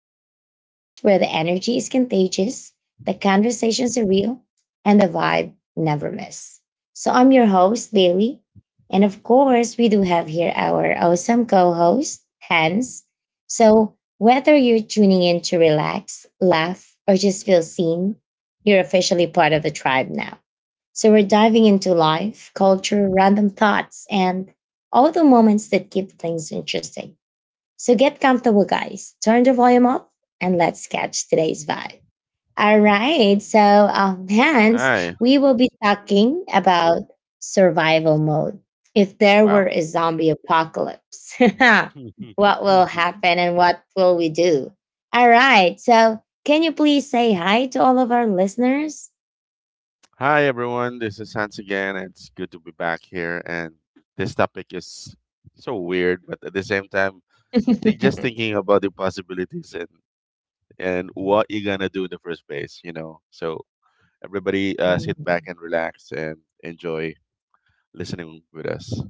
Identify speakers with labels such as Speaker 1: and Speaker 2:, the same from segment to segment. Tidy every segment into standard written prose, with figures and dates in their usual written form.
Speaker 1: So, the podcast where the energy is contagious, the conversations are real, and the vibe never miss. I'm your host, Bailey. And of course, we do have here our awesome co host, Hans. So, whether you're tuning in to relax, laugh, or just feel seen, you're officially part of the tribe now. So, we're diving into life, culture, random thoughts, and all the moments that keep things interesting. So get comfortable, guys. Turn the volume up and let's catch today's vibe. All right. Hence,
Speaker 2: Hi.
Speaker 1: we will be
Speaker 2: Mm.
Speaker 1: talking about survival mode. If there were
Speaker 2: Wow.
Speaker 1: a zombie apocalypse, what will happen and what will we do? All right. So, can you please say hi to all of our listeners?
Speaker 2: Hi, everyone. This is Hans again. It's good to be back here. And this topic is so weird, but at the same time, just thinking about the possibilities and what you're going to do in the first place. So, everybody
Speaker 1: Mm.
Speaker 2: sit back and relax and enjoy listening with us.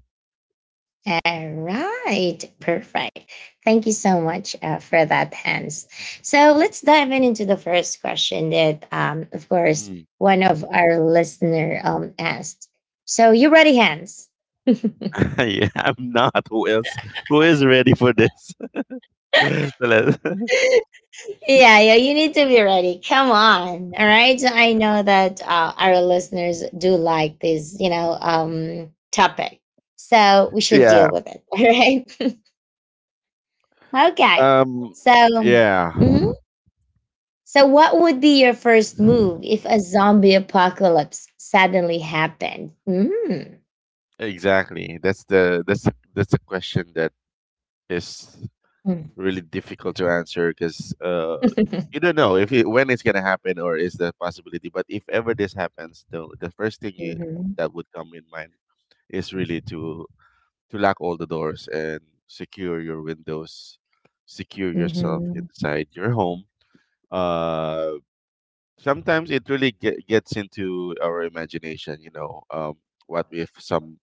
Speaker 1: All right, perfect. Thank you so much for that, Hans. So let's dive in into the first question that, of course,
Speaker 2: Mm.
Speaker 1: one of our listener asked. So you ready, Hans?
Speaker 2: Yeah, I'm not. Who else? Who is ready for this? So let.
Speaker 1: Yeah, yeah, you need to be ready. Come on. All right. So I know that our listeners do like this, topic. So we should
Speaker 2: Yeah.
Speaker 1: deal with it. All right. Okay.
Speaker 2: Um.
Speaker 1: So,
Speaker 2: Yeah.
Speaker 1: mhm. So, what would be your first move if a zombie apocalypse suddenly happened? Mm.
Speaker 2: Exactly. That's a question that is
Speaker 1: Mm.
Speaker 2: really difficult to answer because you don't know if it, when it's gonna happen or is the possibility. But if ever this happens, though, the first
Speaker 1: Mhm.
Speaker 2: that would come in mind is really to lock all the doors and secure your windows, secure yourself
Speaker 1: Mhm.
Speaker 2: inside your home. Uh, Sometimes it really gets into our imagination. You know, what if some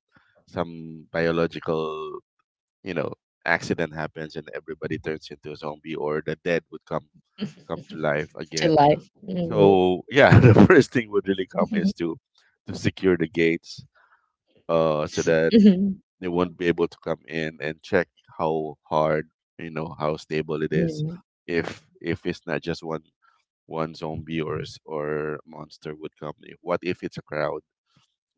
Speaker 2: some biological you know accident happens and everybody turns into a zombie or the dead would come to life
Speaker 1: to
Speaker 2: again.
Speaker 1: life. Mhm.
Speaker 2: So yeah, the first thing would really come is to secure the gates so that
Speaker 1: Mhm.
Speaker 2: they won't be able to come in and check how hard, how stable it is.
Speaker 1: Mhm.
Speaker 2: If it's not just one zombie or or monster would come, what if it's a crowd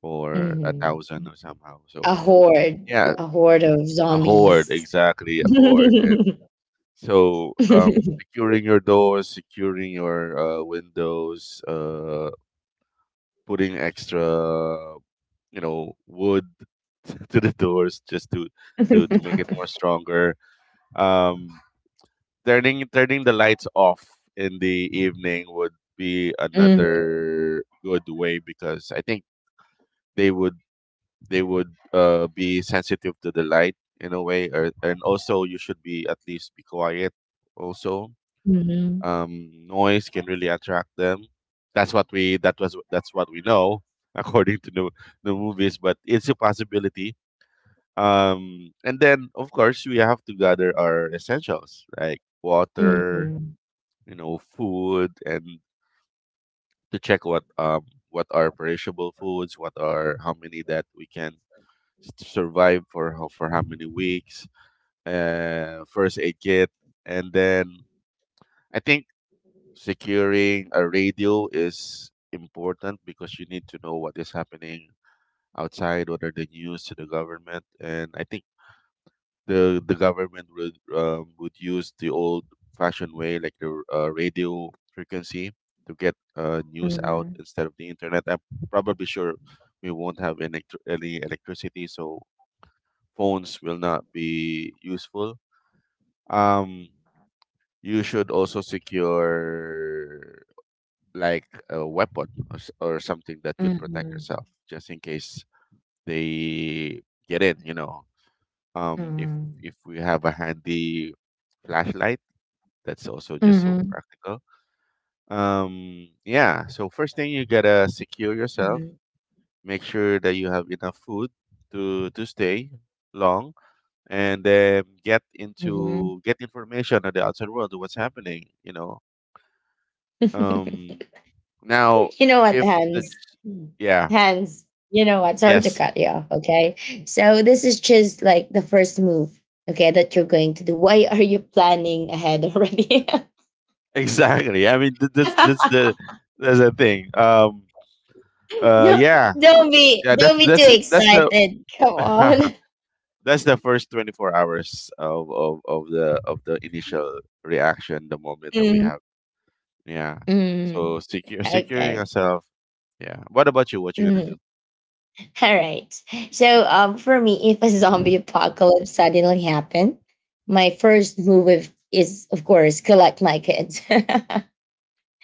Speaker 2: or a
Speaker 1: Mhm.
Speaker 2: thousand or somehow,
Speaker 1: A
Speaker 2: so
Speaker 1: horde,
Speaker 2: yeah,
Speaker 1: a horde of
Speaker 2: a horde,
Speaker 1: zombies.
Speaker 2: exactly, a horde. So, securing your doors, securing your windows, putting extra, you know, wood to the doors just to to make
Speaker 1: Mhm.
Speaker 2: it more stronger. Um, turning the lights off in the evening would be another good way because I think they would they would be sensitive to the light in a way, and also you should be at least be quiet also.
Speaker 1: Mhm.
Speaker 2: Noise can really attract them. That's what we know according to the movies. But it's a possibility. And then of course we have to gather our essentials like water,
Speaker 1: Mhm.
Speaker 2: you know, food, and to check what are perishable foods, what are how many that we can survive for how many weeks. First aid kit, and then I think securing a radio is important because you need to know what is happening outside, what are the news to the government, and I think the government would use the old fashioned way like the radio frequency to get news out
Speaker 1: Mhm.
Speaker 2: instead of the internet. I'm probably sure we won't have any electricity, so phones will not be useful. Um, you should also secure like a weapon or something that could protect
Speaker 1: Mhm.
Speaker 2: herself just in case they get in, you know. um if
Speaker 1: Mhm.
Speaker 2: if we have a handy flashlight, that's also just so
Speaker 1: Mhm.
Speaker 2: practical. Yeah, so first thing you gotta secure yourself,
Speaker 1: Mhm.
Speaker 2: make sure that you have enough food to stay long, and then
Speaker 1: Mhm.
Speaker 2: get information on the outside world of what's happening um Now
Speaker 1: You know what,
Speaker 2: if the.
Speaker 1: Hans? Mm.
Speaker 2: Yeah.
Speaker 1: Hans, you know what? Sorry to
Speaker 2: Yes.
Speaker 1: cut you off. Okay. So this is just like the first move, okay, that you're going to do. Why are you planning ahead already?
Speaker 2: Exactly. I mean, th- that's that's the that's the thing.
Speaker 1: No,
Speaker 2: Yeah.
Speaker 1: don't be
Speaker 2: Yeah. That's
Speaker 1: don't be too
Speaker 2: that's that's the
Speaker 1: excited. Come on.
Speaker 2: that's the first 24 hours of the initial reaction, the moment that we
Speaker 1: Mm,
Speaker 2: have. Yeah.
Speaker 1: mm,
Speaker 2: So secure securing
Speaker 1: okay.
Speaker 2: yourself. Yeah. What about you? What you gonna
Speaker 1: Mm.
Speaker 2: do?
Speaker 1: All right. So for me, if a zombie apocalypse suddenly happened, my first move is of course collect my kids.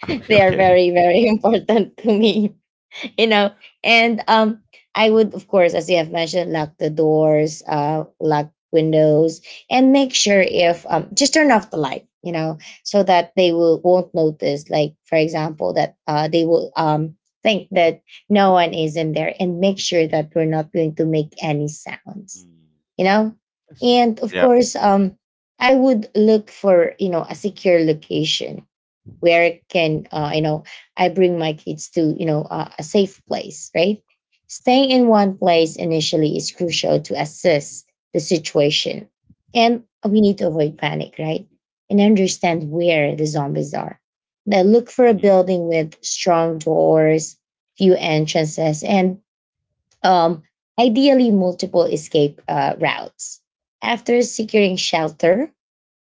Speaker 1: They are
Speaker 2: Okay.
Speaker 1: very important to me. You know, and I would, of course, as you have mentioned, lock the doors, lock windows, and make sure if just turn off the light, you know, so that they will won't notice, like, for example, that they will think that no one is in there, and make sure that we're not going to make any sounds,
Speaker 2: Mm.
Speaker 1: you know.
Speaker 2: Yes.
Speaker 1: And of
Speaker 2: Yeah.
Speaker 1: course, I would look for, you know, a secure location where it can, you know, I bring my kids to, you know, a safe place, right? Staying in one place initially is crucial to assess the situation, and we need to avoid panic, right? And understand where the zombies are now. Look for a
Speaker 2: Mm.
Speaker 1: building with strong doors, few entrances, and um, ideally multiple escape routes. After securing shelter,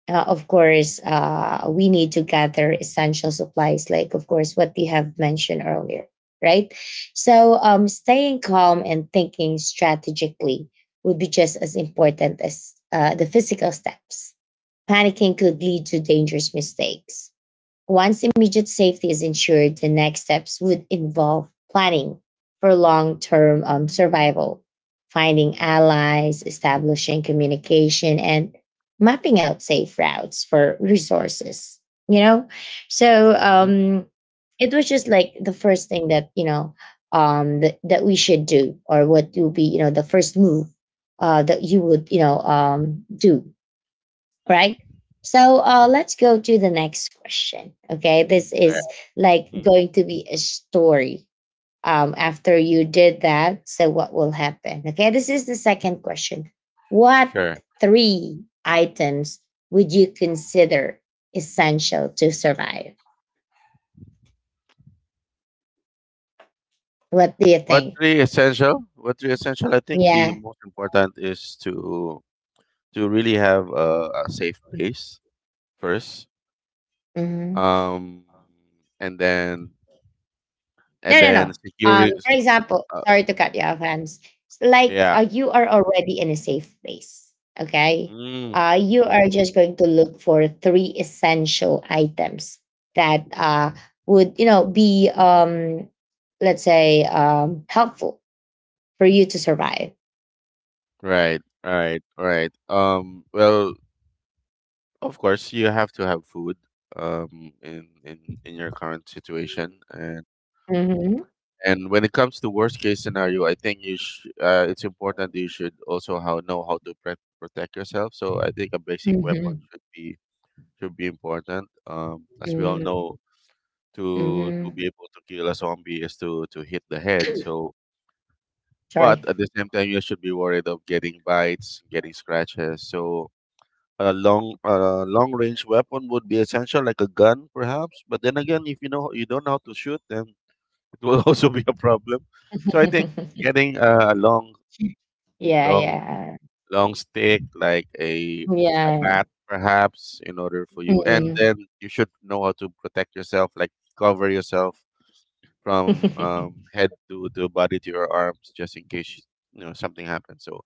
Speaker 1: of course, we need to gather essential supplies, like, of course, what we have mentioned earlier, right? Staying calm and thinking strategically would be just as important as the physical steps. Panicking could lead to dangerous mistakes. Once immediate safety is ensured, the next steps would involve planning for long term survival, finding allies, establishing communication, and mapping out safe routes for resources. You know, so
Speaker 2: Hmm.
Speaker 1: um, it was just like the first thing that, you know, that we should do, or what would be, you know, the first move that you would, you know, do, right? So let's go to the next question. Okay, this
Speaker 2: Yeah.
Speaker 1: is like
Speaker 2: Hmm.
Speaker 1: going to be a story. After you did that, so what will happen? Okay, this is the second question. What
Speaker 2: Sure.
Speaker 1: three items would you consider essential to survive? What do you
Speaker 2: What
Speaker 1: think?
Speaker 2: three essential? What three essential? I think
Speaker 1: Yeah.
Speaker 2: the most important is to really have a safe place first.
Speaker 1: Mm-hmm.
Speaker 2: um and then
Speaker 1: No,
Speaker 2: and
Speaker 1: no, no.
Speaker 2: then securing.
Speaker 1: For example,
Speaker 2: uh,
Speaker 1: sorry to cut you off, Hans. It's like
Speaker 2: yeah.
Speaker 1: you are already in a safe place, okay?
Speaker 2: Mm,
Speaker 1: You
Speaker 2: hmm.
Speaker 1: are just going to look for three essential items that would, you know, be let's say helpful for you to survive.
Speaker 2: Right, right, right. Well, of course you have to have food in your current situation,
Speaker 1: Mm-hmm.
Speaker 2: and when it comes to worst case scenario, I think you it's important that you should also how know how to protect yourself. So I think a basic weapon
Speaker 1: Mm-hmm.
Speaker 2: should be important. As we all
Speaker 1: Mm-hmm.
Speaker 2: know, to
Speaker 1: Hmm.
Speaker 2: be able to kill a zombie is to hit the head. So, but
Speaker 1: Sorry.
Speaker 2: at the same time, you should be worried of getting bites, getting scratches. So, a long range weapon would be essential, like a gun, perhaps. But then again, if you know you don't know how to shoot, then it will also be a problem. So, I think getting a
Speaker 1: Yeah,
Speaker 2: long
Speaker 1: yeah,
Speaker 2: long stick like a
Speaker 1: yeah.
Speaker 2: bat perhaps in order for you, and
Speaker 1: Mm-hmm.
Speaker 2: then you should know how to protect yourself, like cover yourself from head to body to your arms just in case something happens. So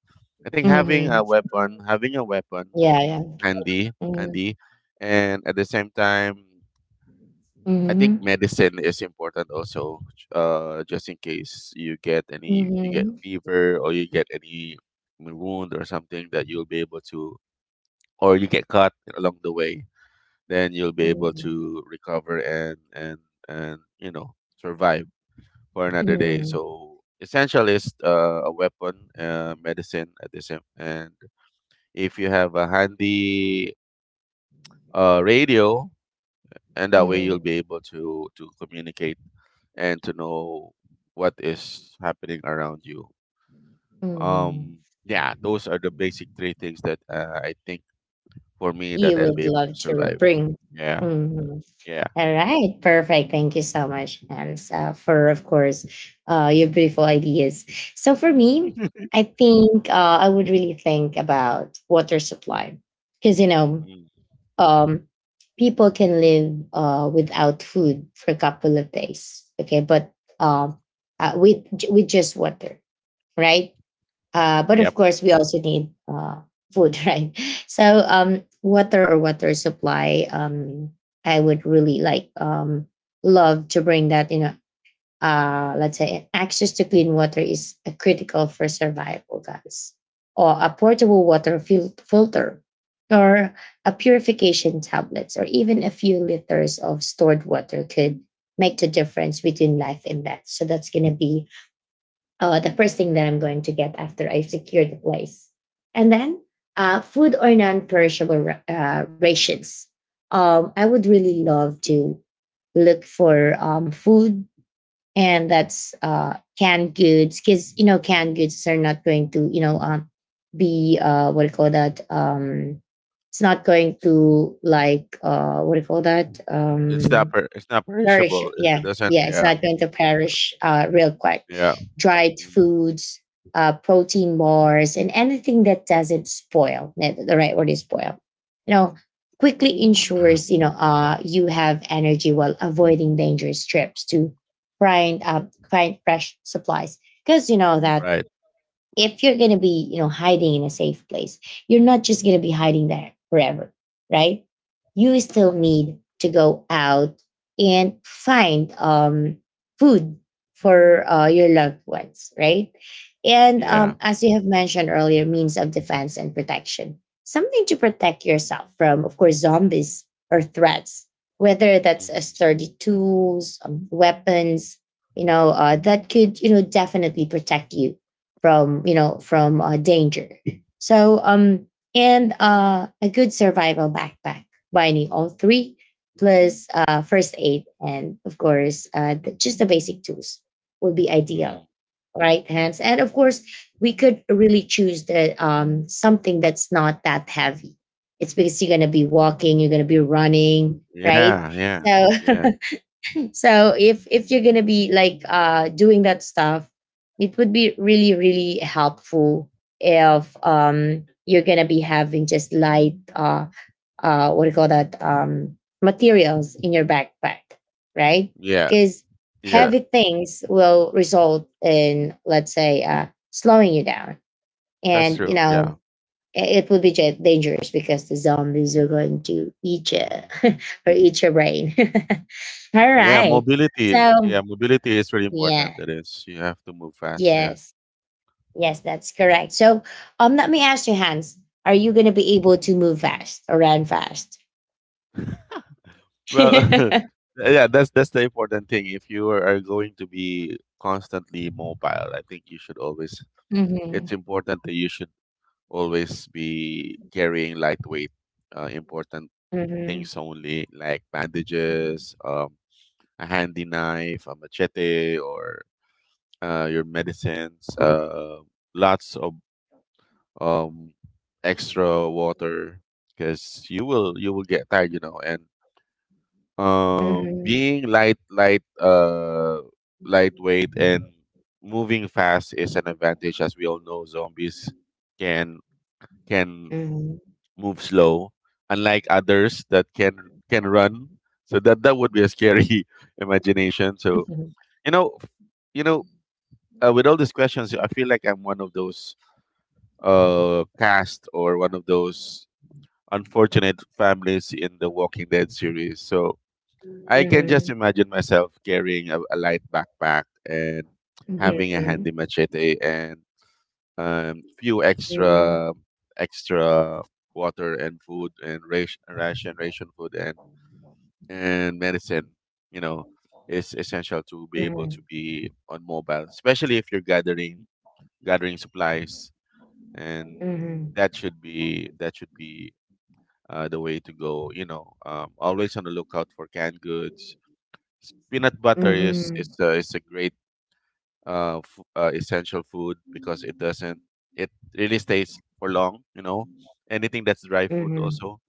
Speaker 2: I think
Speaker 1: Mm-hmm.
Speaker 2: having a weapon
Speaker 1: Yeah, yeah.
Speaker 2: handy
Speaker 1: Mm-hmm.
Speaker 2: handy and at the same time, I think
Speaker 1: Mhm.
Speaker 2: medicine is important also, just in case you get
Speaker 1: Mhm.
Speaker 2: fever or you get any wound or something that you'll be able to, or you get cut along the way, then you'll be able
Speaker 1: Mhm.
Speaker 2: to recover and survive for another day.
Speaker 1: Mhm.
Speaker 2: So essential is a weapon, medicine at the same. And if you have a handy radio, and that way you'll be
Speaker 1: Mhm.
Speaker 2: able to communicate and to know what is happening around you.
Speaker 1: Mhm.
Speaker 2: Yeah, those are the basic three things that I think for me that
Speaker 1: You
Speaker 2: I'll be
Speaker 1: would
Speaker 2: able to
Speaker 1: love to
Speaker 2: survive.
Speaker 1: bring.
Speaker 2: Yeah,
Speaker 1: Mhm.
Speaker 2: yeah.
Speaker 1: All right, perfect. Thank you so much, Hans, for of course your beautiful ideas. So for me, I think I would really think about water supply because, you know,
Speaker 2: Mm.
Speaker 1: um, people can live without food for a couple of days. Okay, but um, with just water, right? But of
Speaker 2: Yep,
Speaker 1: course, we also need food, right? Water or water supply, I would really like love to bring that. You know, let's say access to clean water is critical for survival, guys. Or a portable water filter, or a purification tablets, or even a few liters of stored water could make the difference between life and death. So that's gonna be the first thing that I'm going to get after I've secured the place. And then food or non perishable rations. I would really love to look for food, and that's canned goods because, you know, canned goods are not going to, you know, be, what do you call that? It's not going to like, what do you call that?
Speaker 2: it's not per- it's not
Speaker 1: Perish.
Speaker 2: perishable. It,
Speaker 1: Yeah.
Speaker 2: it doesn't.
Speaker 1: Yeah. It's
Speaker 2: Yeah,
Speaker 1: not going to perish real quick.
Speaker 2: yeah.
Speaker 1: Dried
Speaker 2: Mm.
Speaker 1: foods, protein bars, and anything that doesn't spoil, eh, the right word is spoil, you know, quickly ensures, you know, you have energy while avoiding dangerous trips to find, fresh supplies. Because you know that
Speaker 2: Right.
Speaker 1: if you're going to be, you know, hiding in a safe place, you're not just going to be hiding there forever, right? You still need to go out and find food for your loved ones, right? And
Speaker 2: Yeah.
Speaker 1: as you have mentioned earlier, means of defense and protection, something to protect yourself from, of course, zombies or threats, whether that's a
Speaker 2: Mhm.
Speaker 1: sturdy tools, weapons, you know, that could, you know, definitely protect you from, you know, from danger. So and a good survival backpack, binding all three plus first aid and of course just the basic tools would be
Speaker 2: Mm.
Speaker 1: ideal, right hands. And of course, we could really choose the something that's not that heavy. It's because you're going to be walking, you're going to be running, right?
Speaker 2: Yeah, yeah,
Speaker 1: So
Speaker 2: yeah,
Speaker 1: so if you're gonna be like doing that stuff, it would be really helpful if you're gonna be having just light what do you call that, materials in your backpack, right?
Speaker 2: yeah,
Speaker 1: Because
Speaker 2: yeah.
Speaker 1: heavy things will result in, let's say, slowing you down,
Speaker 2: That's
Speaker 1: and you
Speaker 2: true. Yeah.
Speaker 1: know it would be dangerous because the zombies are going to eat you,
Speaker 2: Hmm.
Speaker 1: or eat your brain. All
Speaker 2: Yeah,
Speaker 1: right,
Speaker 2: mobility. Yeah,
Speaker 1: so.
Speaker 2: mobility is really
Speaker 1: Yeah.
Speaker 2: important. It is. You have to move fast. Yeah.
Speaker 1: Yes. Yes, that's correct. So, let me ask you, Hans, are you going to be able to move fast or run fast?
Speaker 2: Well,
Speaker 1: Mm-hmm.
Speaker 2: yeah, that's the important thing. If you are going to be constantly mobile, I think you should always. It's important that you should always be carrying lightweight, important
Speaker 1: Mm-hmm.
Speaker 2: things only, like bandages, a handy knife, a machete, or your medicines, lots of um, extra water because you will get tired. And
Speaker 1: Mm-hmm.
Speaker 2: being lightweight and moving fast is an advantage, as we all know. Zombies can can
Speaker 1: Mm-hmm.
Speaker 2: move slow, unlike others that can run. So that would be a scary imagination. So
Speaker 1: Mm-hmm.
Speaker 2: you know, you know, with all these questions, I feel like I'm one of those cast or one of those unfortunate families in the Walking Dead series. So I can just
Speaker 1: Mm-hmm.
Speaker 2: imagine myself carrying a light backpack and having a handy machete and few
Speaker 1: Mm-hmm.
Speaker 2: extra water and food and ration food and medicine. You know, is essential to be able
Speaker 1: Mm-hmm.
Speaker 2: to be on mobile, especially if you're gathering supplies,
Speaker 1: Mm-hmm.
Speaker 2: and
Speaker 1: Mm-hmm.
Speaker 2: that should be the way to go. Always on the lookout for canned goods. Peanut butter is
Speaker 1: Mm-hmm.
Speaker 2: is uh, is a great essential food because it doesn't it really stays for long. You know, anything that's dry food also,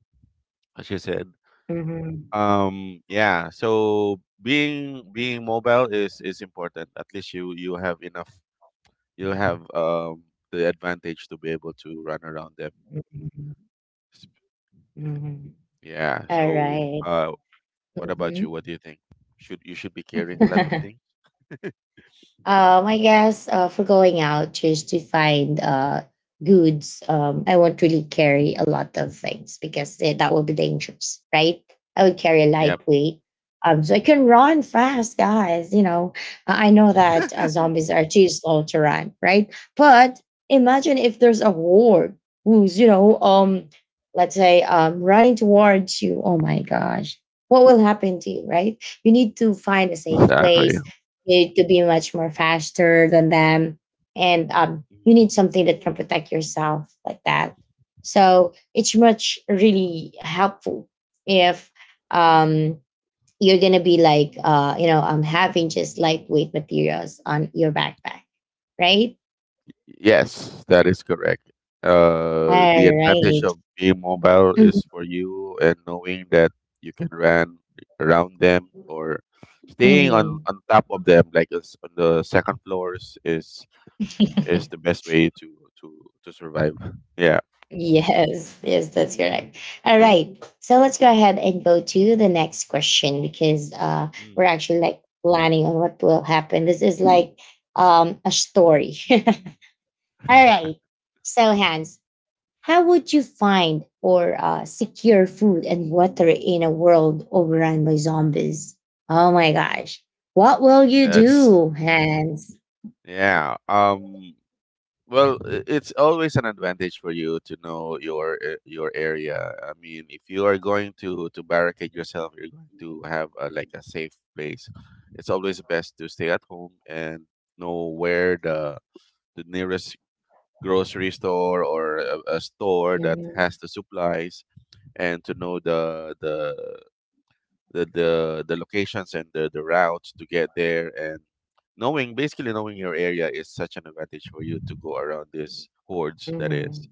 Speaker 2: as you said.
Speaker 1: Mm-hmm.
Speaker 2: Yeah. So being mobile is important. At least you have enough. You have the advantage to be able to run around them.
Speaker 1: Mm-hmm.
Speaker 2: Yeah.
Speaker 1: All
Speaker 2: So,
Speaker 1: right.
Speaker 2: what about
Speaker 1: Mm-hmm.
Speaker 2: you? What do you think? Should you should be carrying a lot of things?
Speaker 1: I guess for going out just to find goods, I won't really carry a lot of things because eh, that would be dangerous, right? I would carry a
Speaker 2: Yep,
Speaker 1: lightweight. So I can run fast, guys. You know, I know that zombies are too slow to run, right? But imagine if there's a horde who's, you know, let's say, running towards you. Oh my gosh, what will happen to you, right? You need to find a safe
Speaker 2: exactly.
Speaker 1: place, you need to be much more faster than them, and you
Speaker 2: Mm.
Speaker 1: need something that can protect yourself like that. So it's much really helpful if um, you're gonna be like you know, having just lightweight materials on your backpack, right?
Speaker 2: Yes, that is correct. The
Speaker 1: All
Speaker 2: advantage
Speaker 1: right.
Speaker 2: of being mobile
Speaker 1: Mhm.
Speaker 2: is for you, and knowing that you can run around them or staying
Speaker 1: Mhm.
Speaker 2: on top of them, like us on the second floors, is the best way to to survive. Yeah.
Speaker 1: Yes, yes, that's correct. All right. So let's go ahead and go to the next question because we're
Speaker 2: Mm.
Speaker 1: actually like planning on what will happen. This is like a story. All right. So Hans, how would you find or secure food and water in a world overrun by zombies? Oh my gosh. What will you
Speaker 2: That's.
Speaker 1: do, Hans?
Speaker 2: Yeah. Well, it's always an advantage for you to know your your area. I mean, if you are going to barricade yourself, you're going to have like a safe place. It's always best to stay at home and know where the nearest grocery store or a store that
Speaker 1: Mhm,
Speaker 2: has the supplies, and to know the locations and the routes to get there, and knowing your area is such an advantage for you to go around this hordes that is.
Speaker 1: mhm,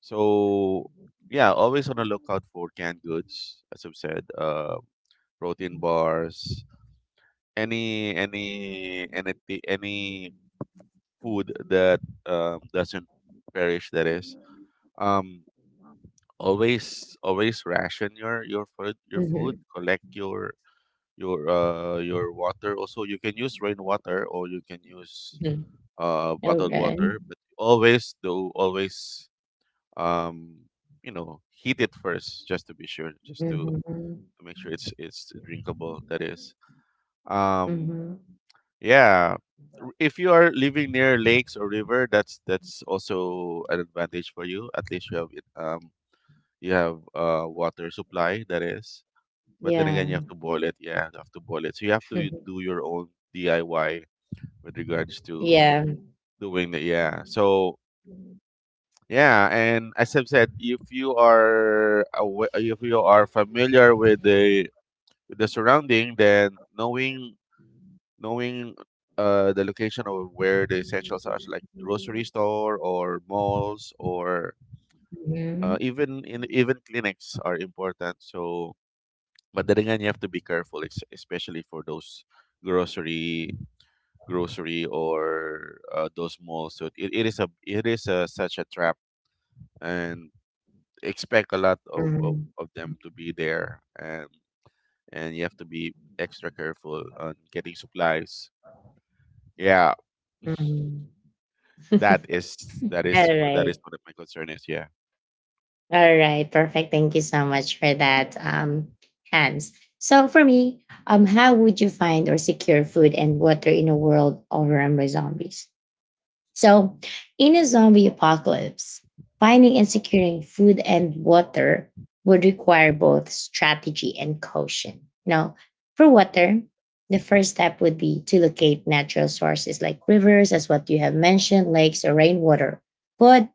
Speaker 2: So yeah, always on the lookout for canned goods, as I've said. Protein bars, any food that doesn't perish, that is. um Always ration your food,
Speaker 1: mhm,
Speaker 2: collect your water also. You can use rainwater or you can use
Speaker 1: mhm.
Speaker 2: bottled
Speaker 1: Okay.
Speaker 2: water, but always, um heat it first just to be sure, just to
Speaker 1: Hmm.
Speaker 2: make sure it's drinkable, that is. um
Speaker 1: Hmm.
Speaker 2: yeah. If you are living near lakes or river, that's also an advantage for you. At least you have it, you have water supply, that is. But then
Speaker 1: Yeah.
Speaker 2: again, you have to boil it. Yeah, you have to boil it. So you have to do your own DIY with regards to
Speaker 1: Yeah.
Speaker 2: doing that. Yeah. So yeah, and as I've said, if you are familiar with the surrounding, then knowing the location of where the essentials are, so like
Speaker 1: Mhm.
Speaker 2: grocery store or malls or
Speaker 1: Mhm.
Speaker 2: even in even clinics are important. So but then again, you have to be careful, especially for those grocery, grocery or those malls. So it is a such a trap, and expect a lot of them to be there, and you have to be extra careful on getting supplies. Yeah,
Speaker 1: Mhm.
Speaker 2: that is
Speaker 1: All
Speaker 2: that is
Speaker 1: right.
Speaker 2: what my concern is. Yeah.
Speaker 1: All right. Perfect. Thank you so much for that, Hans. So for me, how would you find or secure food and water in a world overrun by zombies? So, in a zombie apocalypse, finding and securing food and water would require both strategy and caution. You know, for
Speaker 2: Mhm.
Speaker 1: water, the first step would be to locate natural sources like rivers, as what you have mentioned, lakes or rainwater. But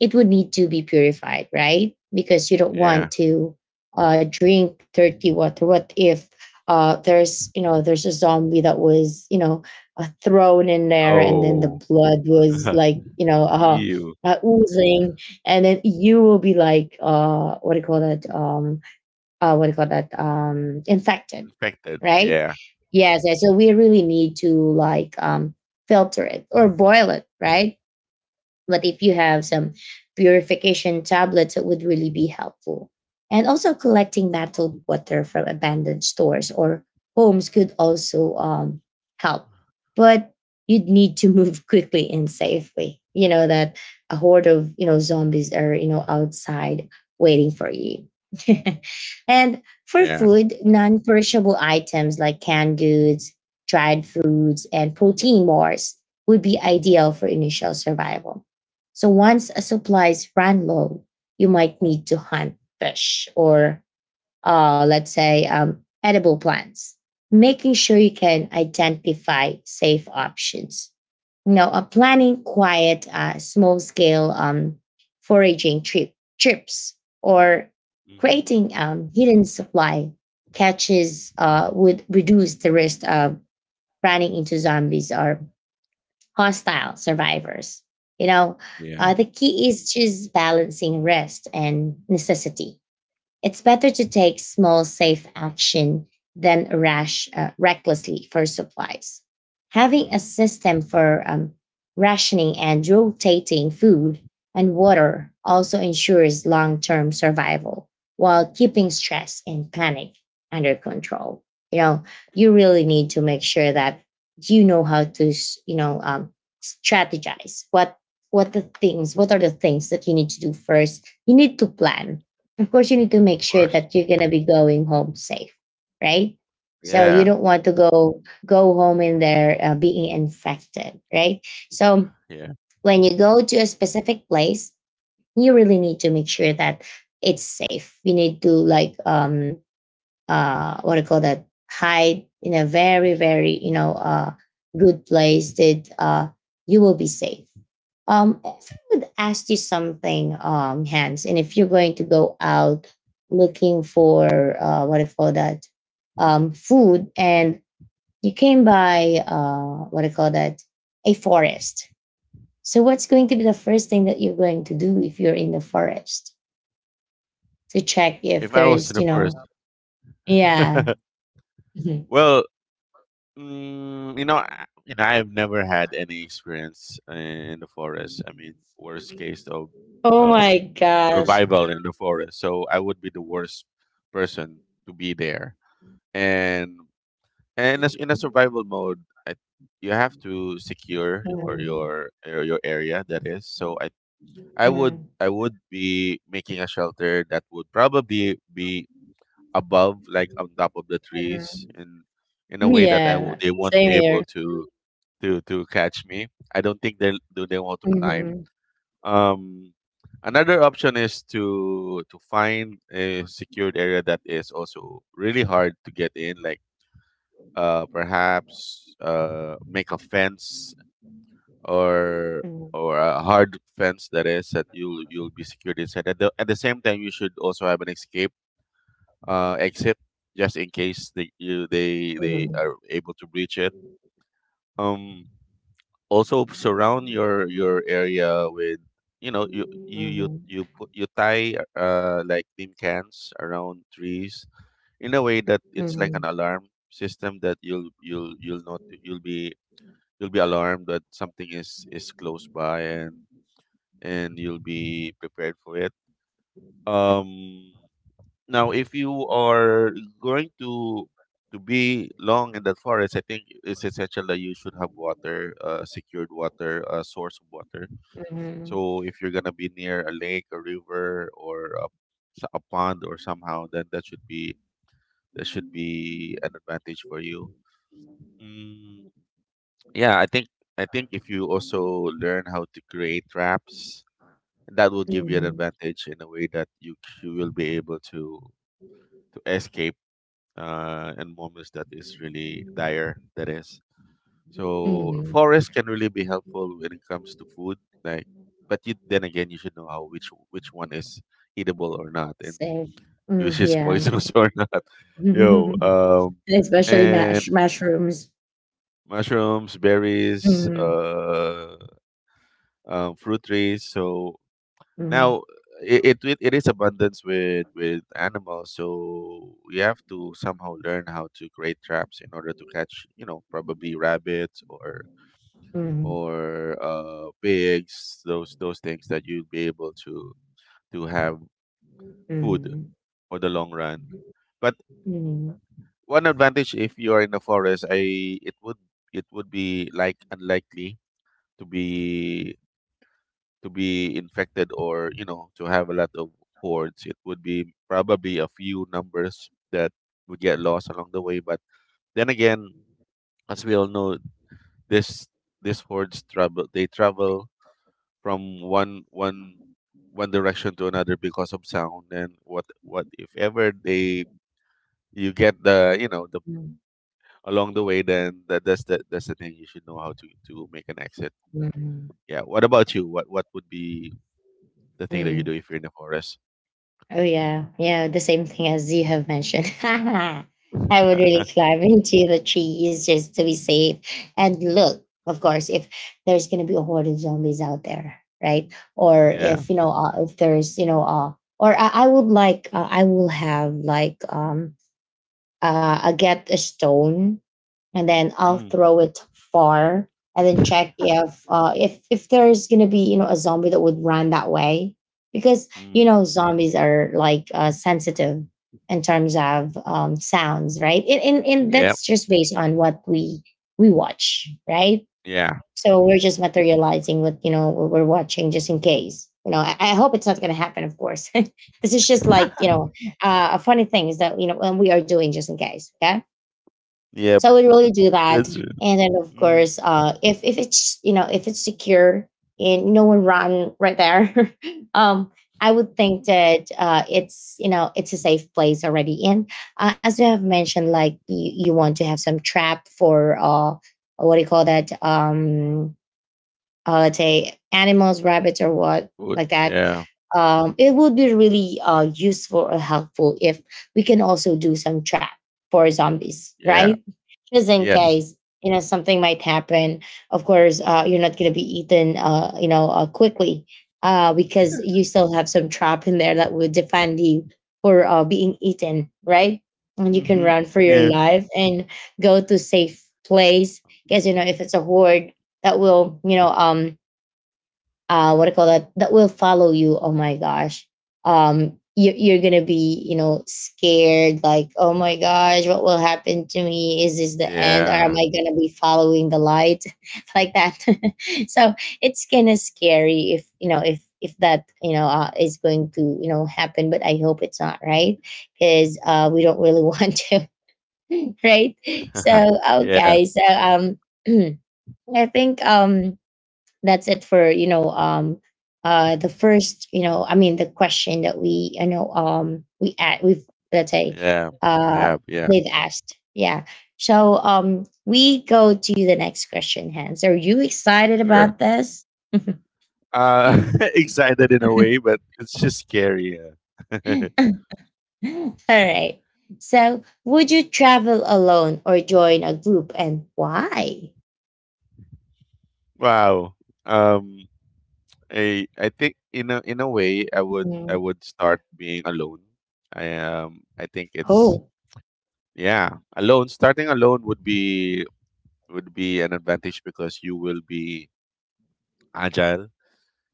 Speaker 1: it would need to be purified, right? Because you don't
Speaker 2: Yeah.
Speaker 1: want to drink dirty water. What if there's there's a zombie that was thrown in there, and then the
Speaker 2: Oh,
Speaker 1: blood was like
Speaker 2: you
Speaker 1: oozing, and then you will be like what do you call that? What do you call that? Infected,
Speaker 2: infected.
Speaker 1: right?
Speaker 2: Yeah,
Speaker 1: Yes, yes. So we really need to like filter it or boil it, right? But if you have some purification tablets, it would really be helpful. And also, collecting bottled water from abandoned stores or homes could also help. But you'd need to move quickly and safely. You know that a horde of zombies are outside waiting for you. And for
Speaker 2: yeah.
Speaker 1: food, non-perishable items like canned goods, dried foods, and protein bars would be ideal for initial survival. So once supplies ran low, you might need to hunt fish or, let's say, edible plants, making sure you can identify safe options. Now, a planning quiet, small scale foraging trips or
Speaker 2: Hmm.
Speaker 1: creating hidden supply catches would reduce the risk of running into zombies or hostile survivors. You know,
Speaker 2: Yeah.
Speaker 1: the key is just balancing rest and necessity. It's better to take small, safe action than rash recklessly for supplies. Having a
Speaker 2: Mm,
Speaker 1: system for rationing and rotating food and water also ensures long term survival while keeping stress and panic under control. You know, you really need to make sure that you know how to, strategize what are the things that you need to do first. You need to plan. Of course you need to make
Speaker 2: of
Speaker 1: sure
Speaker 2: course.
Speaker 1: that you're going to be going home safe, right? So you
Speaker 2: Yeah.
Speaker 1: don't want to go home in there being infected, right? So
Speaker 2: Yeah.
Speaker 1: when you go to a specific place, you really need to make sure that it's safe. You need to like what do you call that, hide in a very, very,
Speaker 2: Mhm.
Speaker 1: good place that you will be safe. If I would ask you something, Hans, and if you're going to go out looking for what do you call that, food, and you came by what do you call that, a forest. So, what's going to be the first thing that you're going to do if you're in the forest to check if
Speaker 2: If
Speaker 1: there
Speaker 2: I was to
Speaker 1: is,
Speaker 2: the
Speaker 1: you
Speaker 2: first,
Speaker 1: know, yeah.
Speaker 2: well, you know, you know, I've never had any experience in the forest. I mean, worst case
Speaker 1: Oh
Speaker 2: of
Speaker 1: my gosh.
Speaker 2: survival in the forest. So I would be the worst person to be there. And and as in a survival mode, I, you have to secure your
Speaker 1: Mm,
Speaker 2: your your your area. That is, so I I would
Speaker 1: mm,
Speaker 2: I would be making a shelter that would probably be above, like on top of the
Speaker 1: mhm.
Speaker 2: trees, in a way that
Speaker 1: Yeah,
Speaker 2: they won't
Speaker 1: same
Speaker 2: be
Speaker 1: here.
Speaker 2: able to to catch me. I don't think they do they want to climb.
Speaker 1: Mhm,
Speaker 2: Um, another option is to find a secured area that is also really hard to get in, like perhaps make a fence or
Speaker 1: mhm,
Speaker 2: or a hard fence that is that you'll be secured inside. At the same time, you should also have an escape exit just in case they
Speaker 1: mhm,
Speaker 2: are able to breach it. Um, also surround your area with, you know, you you you
Speaker 1: mhm,
Speaker 2: you put you tie like tin cans around trees in a way that it's like an
Speaker 1: mhm,
Speaker 2: alarm system that you'll not you'll be alarmed that something is close by and you'll be prepared for it. Um, Now, if you are going to be long in that forest, I think it's essential that you should have water, secured water, source of water.
Speaker 1: mhm,
Speaker 2: So if you're gonna be near a lake, a river, or a, a pond, or somehow, then that should be an advantage for you. Mm, yeah, I think if you also learn how to create traps, that will give you an
Speaker 1: mhm,
Speaker 2: advantage in a way that you will be able to escape, and moments that is really dire. That is so
Speaker 1: mhm.
Speaker 2: forest can really be helpful when it comes to food. Like, but you, then again, you should know how which one is eatable or not, and
Speaker 1: Same.
Speaker 2: which
Speaker 1: Mm,
Speaker 2: is
Speaker 1: yeah.
Speaker 2: poisonous or not. Yo,
Speaker 1: Especially
Speaker 2: and
Speaker 1: mash mushrooms.
Speaker 2: mushrooms, berries,
Speaker 1: Mhm,
Speaker 2: fruit trees. So
Speaker 1: mhm,
Speaker 2: now, it is abundance with animals, so you have to somehow learn how to create traps in order to catch, you know, probably rabbits
Speaker 1: mhm,
Speaker 2: or pigs, those things that you'd be able to have food
Speaker 1: mhm,
Speaker 2: for the long run. But
Speaker 1: mhm,
Speaker 2: one advantage if you are in the forest, I it would be like unlikely to be infected or, you know, to have a lot of cords. It would be probably a few numbers that would get lost along the way. But then again, as we all know, this this hordes travel, they travel from one direction to another because of sound. And what if ever they you get the, you know, the
Speaker 1: mhm,
Speaker 2: along the way, then that's the thing. You should know how to make an exit.
Speaker 1: mhm,
Speaker 2: Yeah, what about you? What would be the thing that you
Speaker 1: mhm.
Speaker 2: do if you're in the forest?
Speaker 1: Oh yeah, yeah, the same thing as you have mentioned. I would really climb into the trees just to be safe. And look, of course, if there's gonna be a horde of zombies out there, right? Or
Speaker 2: yeah.
Speaker 1: if if there's or I would like, I will have like, I get a stone and then I'll
Speaker 2: Mm.
Speaker 1: throw it far and then check if there's gonna be a zombie that would run that way because you
Speaker 2: Mm.
Speaker 1: know zombies are like sensitive in terms of sounds, right? And
Speaker 2: Yep.
Speaker 1: that's just based on what we watch, right?
Speaker 2: Yeah.
Speaker 1: So we're
Speaker 2: Mm.
Speaker 1: just materializing what you know what we're watching just in case you know I hope it's not gonna happen, of course. This is just like a funny thing is that you know when we are doing just in case, okay?
Speaker 2: Yep.
Speaker 1: So I would really do that.
Speaker 2: That's r.
Speaker 1: And then of
Speaker 2: Mhm.
Speaker 1: course, if it's you know if it's secure and no one run right there, um, I would think that it's you know it's a safe place already. And as you have mentioned, like you want to have some trap for what do you call that? Let's say animals, rabbits, or what
Speaker 2: Would
Speaker 1: like that,
Speaker 2: yeah.
Speaker 1: it would be really useful or helpful if we can also do some trap for zombies,
Speaker 2: Yeah.
Speaker 1: right? Just in
Speaker 2: Yes.
Speaker 1: case you know something might happen. Of course, you're not going to be eaten, you know, quickly because you still have some trap in there that would defend you for being eaten, right? And you can
Speaker 2: Mhm.
Speaker 1: run for your
Speaker 2: Yeah.
Speaker 1: life and go to safe place because you know if it's a horde that will what I call that, that will follow you. Oh my gosh. You, you're gonna be you know scared like oh my gosh what will happen to me, is this the end or am
Speaker 2: Yeah.
Speaker 1: I gonna be following the light? Like that. So it's kind of scary if you know if that you know is going to you know happen, but I hope it's not, right? Because we don't really
Speaker 2: Mhm.
Speaker 1: want to, right? So
Speaker 2: Yeah.
Speaker 1: okay, so I think that's it for you know the first you know the question that we we at we've let's say
Speaker 2: Yeah.
Speaker 1: uh
Speaker 2: Yeah. Yeah.
Speaker 1: they've asked, yeah. So we go to the next question. Hans, are you excited
Speaker 2: Sure.
Speaker 1: about this? All
Speaker 2: Uh, excited in a way, but it's just scary. Yeah.
Speaker 1: right, so would you travel alone or join a group, and why?
Speaker 2: wow. Um, I think in a way I would
Speaker 1: Mhm.
Speaker 2: start being alone. I think it's
Speaker 1: Oh.
Speaker 2: yeah alone. Starting alone would be an advantage because you will be agile,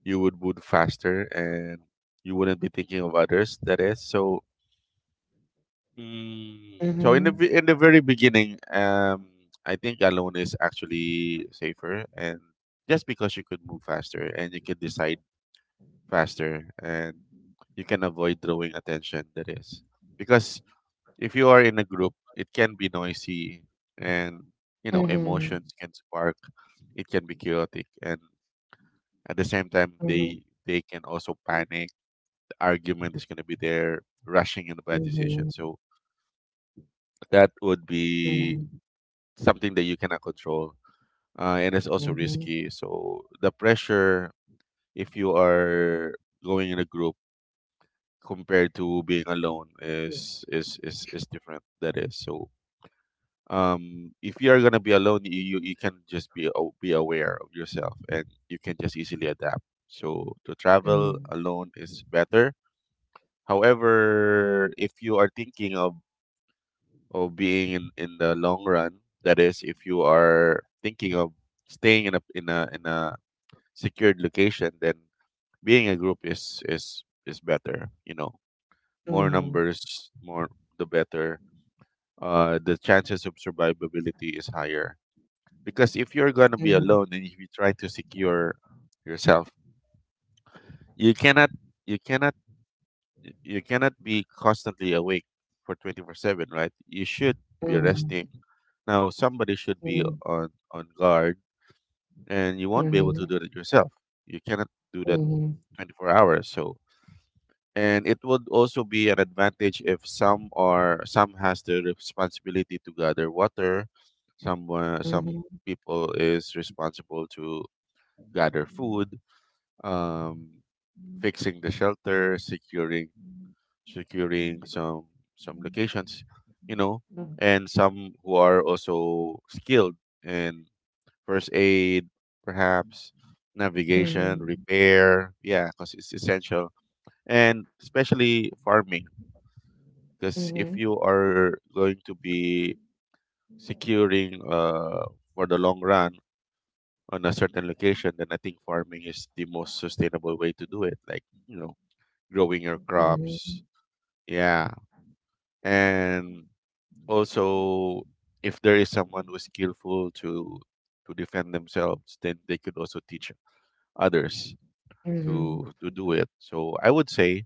Speaker 2: you would move faster, and you wouldn't be thinking of others. That is so. Mm, so in the
Speaker 1: Mm-hmm.
Speaker 2: in the very beginning, I think alone is actually safer, and just because you could move faster and you could decide faster, and you can avoid drawing attention. That is because if you are in a group, it can be noisy, and, you know,
Speaker 1: Mm-hmm.
Speaker 2: emotions can spark. It can be chaotic, and at the same time
Speaker 1: Mm-hmm.
Speaker 2: they can also panic. The argument is going to be there, rushing in a bad decision.
Speaker 1: Mm-hmm.
Speaker 2: So that would be something that you cannot control, and it's also
Speaker 1: Mm-hmm.
Speaker 2: risky. So the pressure if you are going in a group compared to being alone is different. That is so if you are going to be alone, you, you can just be aware of yourself, and you can just easily adapt. So to travel
Speaker 1: Mhm,
Speaker 2: alone is better. However, if you are thinking of being in the long run, that is, if you are thinking of staying in a secured location, then being a group is better. You know, more
Speaker 1: mhm,
Speaker 2: numbers, more the better. The chances of survivability is higher, because if you're gonna be
Speaker 1: mhm,
Speaker 2: alone and if you try to secure yourself, you cannot you cannot you cannot be constantly awake for 24/7, right? You should be
Speaker 1: mhm,
Speaker 2: resting. Now somebody should be
Speaker 1: mhm,
Speaker 2: on guard and you won't be able to
Speaker 1: mhm,
Speaker 2: do that yourself. You cannot do that 24 hours. So and it would also be an advantage if some are some has the responsibility to gather water, some
Speaker 1: mhm, mhm.
Speaker 2: people is responsible to gather food, um fixing the shelter, securing some locations, you know, and some who are also skilled in first aid, perhaps navigation,
Speaker 1: Mhm,
Speaker 2: repair. Yeah, because it's essential, and especially farming.
Speaker 1: mhm,
Speaker 2: Because if you
Speaker 1: mhm,
Speaker 2: are going to be securing, for the long run on a certain location, then I think farming is the most sustainable way to do it. Like, you know, growing your
Speaker 1: mhm,
Speaker 2: crops. Yeah, and also if there is someone who is skillful to defend themselves, then they could also teach others to do it. So I would say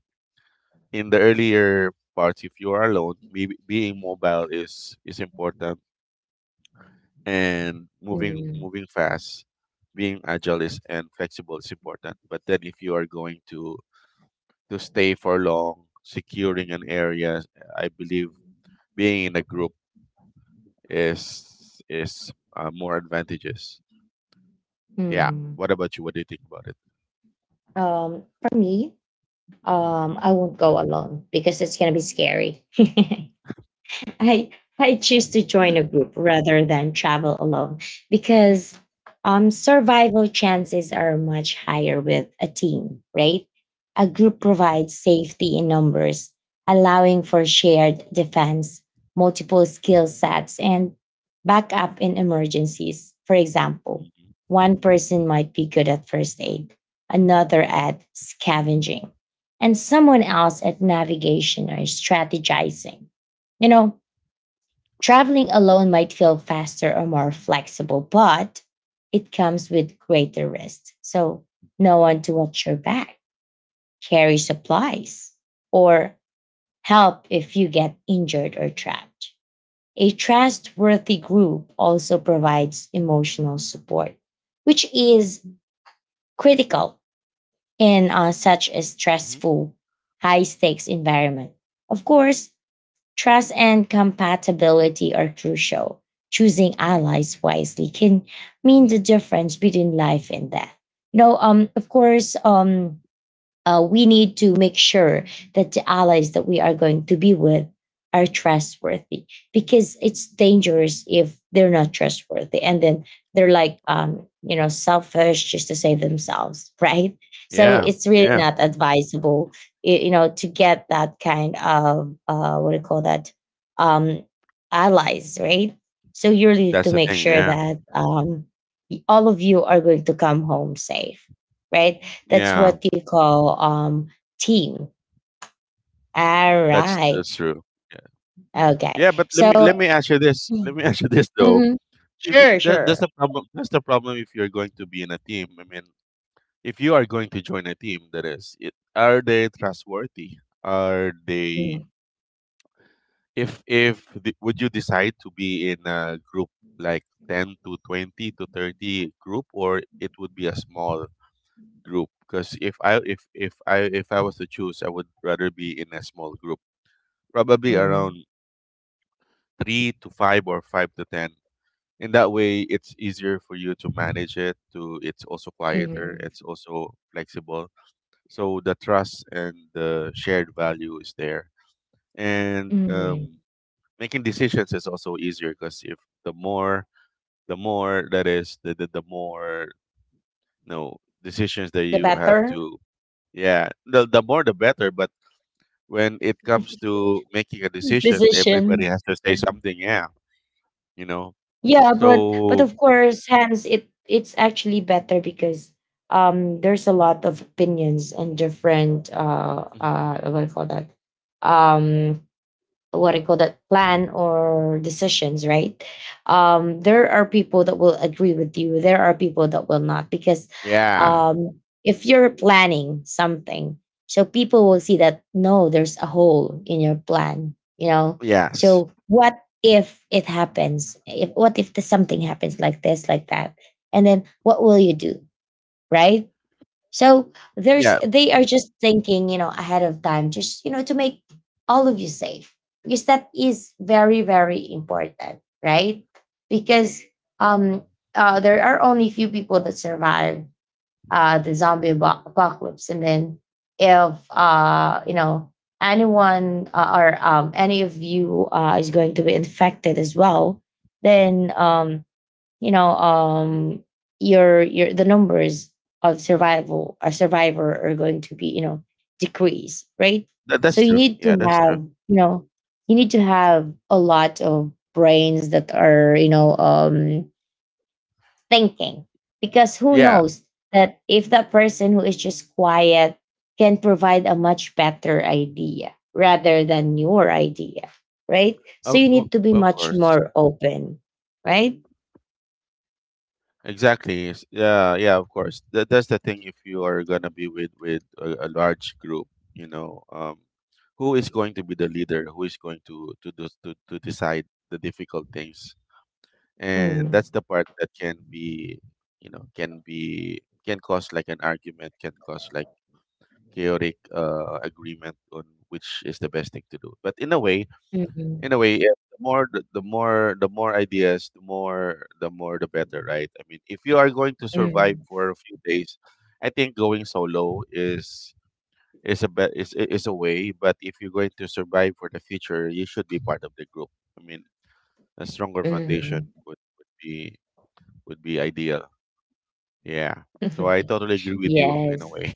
Speaker 2: in the earlier parts, if you are alone, being mobile is important, and
Speaker 1: mhm,
Speaker 2: moving fast, being agile is and flexible is important. But then if you are going to stay for long securing an area, I believe being in a group is more advantageous. Yeah.
Speaker 1: mhm.
Speaker 2: What about you? What do you think about it?
Speaker 1: For me, I
Speaker 2: Mm-hmm.
Speaker 1: won't go alone because it's gonna be scary. I I choose to join a group rather than travel alone because survival chances are much higher with a team, right? A group
Speaker 2: Mm-hmm.
Speaker 1: provides safety in numbers, allowing for shared defense, multiple skill sets, and backup in emergencies. For example,
Speaker 2: Mm-hmm.
Speaker 1: one person might be good at first aid, another at scavenging, and someone else at navigation or strategizing, you know. Traveling alone might feel faster or more flexible, but it comes with greater risk. So, no one to watch your back, carry supplies, or help if you get injured or trapped. A trustworthy group also provides emotional support, which is critical in such a
Speaker 2: Hmm.
Speaker 1: stressful, high stakes environment. Of course, trust and compatibility are crucial. Choosing allies wisely can mean the difference between life and death. You know, of course, we need to make sure that the allies that we are going to be with are trustworthy because it's dangerous if they're not trustworthy, and then they're like you know selfish just to save themselves. Right, so
Speaker 2: Yeah.
Speaker 1: it's really
Speaker 2: Yeah.
Speaker 1: not advisable you know to get that kind of what do you call that, um, allies, right? So you really need
Speaker 2: That's
Speaker 1: to
Speaker 2: the
Speaker 1: make
Speaker 2: thing.
Speaker 1: sure
Speaker 2: Yeah.
Speaker 1: that all of you are going to come home safe, right? That's
Speaker 2: Yeah.
Speaker 1: what you call team. All right.
Speaker 2: That's true. Yeah.
Speaker 1: Okay.
Speaker 2: Yeah. But let
Speaker 1: So.
Speaker 2: me let me ask you this. Let
Speaker 1: Mm.
Speaker 2: me ask you this though.
Speaker 1: Mhm.
Speaker 2: If
Speaker 1: Sure,
Speaker 2: that, that's
Speaker 1: sure.
Speaker 2: the problem. That's the problem. If you're going to be in a team, I mean, if you are going to join a team, that is, it, are they trustworthy? Are
Speaker 1: Mm,
Speaker 2: they? If the, would you decide to be in a group like 10 to 20 to 30 group, or it would be a small group, because if I was to choose, I would rather be in a small group, probably
Speaker 1: mm.
Speaker 2: around 3 to 5 or 5 to 10. In that way, it's easier for you to manage it. To it's also quieter.
Speaker 1: Hmm.
Speaker 2: It's also flexible. So the trust and the shared value is there, and
Speaker 1: Mhm.
Speaker 2: making decisions is also easier, because if the more the more no decisions that
Speaker 1: The
Speaker 2: you have
Speaker 1: better.
Speaker 2: to yeah, the more the better. But when it comes to making a decision, everybody
Speaker 1: Decision.
Speaker 2: has to say something. Yeah, you know.
Speaker 1: Yeah, but
Speaker 2: So
Speaker 1: of course, hence it it's actually better because there's a lot of opinions and different
Speaker 2: mhm.
Speaker 1: what do you call that, um what I call that, plan or decisions, right? There are people that will agree with you. There are people that will not because
Speaker 2: Yeah,
Speaker 1: um, if you're planning something, so people will see that no, there's a hole in your plan. You know,
Speaker 2: yes,
Speaker 1: so what if it happens? If what if the, something happens like this, like that, and then what will you do, right? So there's,
Speaker 2: yeah.
Speaker 1: they are just thinking, you know, ahead of time, just you know, to make all of you safe. Because that is very, very important, right? Because um there are only few people that survive the zombie apo- apocalypse. And then if you know anyone or any of you is going to be infected as well, then you know um your the numbers of survival or survivor are going to be you know decrease, right?
Speaker 2: That,
Speaker 1: So
Speaker 2: that's
Speaker 1: you
Speaker 2: true.
Speaker 1: need to
Speaker 2: Yeah, that's true.
Speaker 1: have you know, you need to have a lot of brains that are you know thinking, because who
Speaker 2: Yeah,
Speaker 1: knows that if that person who is just quiet can provide a much better idea rather than your idea, right? So you need to be
Speaker 2: of
Speaker 1: much
Speaker 2: course.
Speaker 1: more open, right?
Speaker 2: Exactly. Yes. Yeah, yeah, of course. That, that's the thing. If you are gonna be with a large group, you know, who is going to be the leader? Who is going to do, to decide the difficult things? And that's
Speaker 1: Mhm.
Speaker 2: the part that can be, you know, can be, can cause like an argument, can cause like chaotic agreement on which is the best thing to do. But in a way, in a
Speaker 1: Mhm.
Speaker 2: way, yeah, the more the more the more ideas, the more the more the better, right? I mean, if you are going to survive
Speaker 1: Mhm,
Speaker 2: for a few days, I think going solo is a be- is I- is a way. But if you're going to survive for the future, you should be part of the group. I mean, a stronger foundation
Speaker 1: mhm.
Speaker 2: would be ideal. Yeah. So I totally agree with you in a
Speaker 1: Yes.
Speaker 2: way.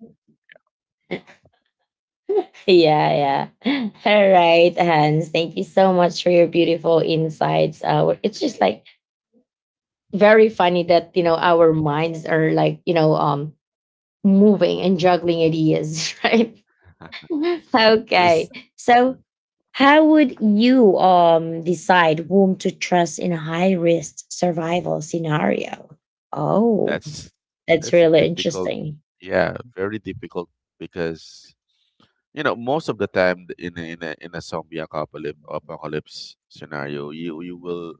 Speaker 1: Yeah, yeah. All right, Hans. Thank you so much for your beautiful insights. We're- it's just like very funny that you know our minds are like you know moving and juggling ideas, right?
Speaker 2: It's,
Speaker 1: Okay. So, how would you decide whom to trust in a high risk survival scenario? Oh,
Speaker 2: that's
Speaker 1: that's
Speaker 2: that's a
Speaker 1: really
Speaker 2: difficult,
Speaker 1: interesting.
Speaker 2: yeah, very difficult, because, you know, most of the time in a, in a zombie apocalypse scenario, you will,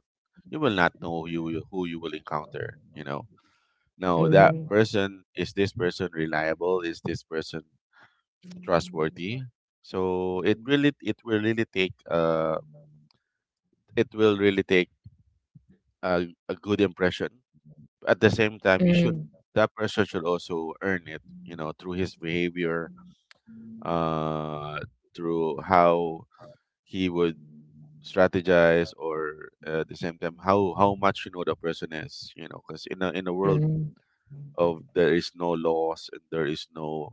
Speaker 2: you will not know who who you will encounter, you know. No, that
Speaker 1: Mm-hmm.
Speaker 2: person, is this person reliable, is this person trustworthy? So it really, it will really take it will really take a good impression. At the same time, you should,
Speaker 1: Mm,
Speaker 2: that person should also earn it, you know, through his behavior, uh through how he would strategize. Or at the same time, how much, you know, the person is, you know. Because in a, in a world
Speaker 1: mm,
Speaker 2: of, there is no laws and there is no,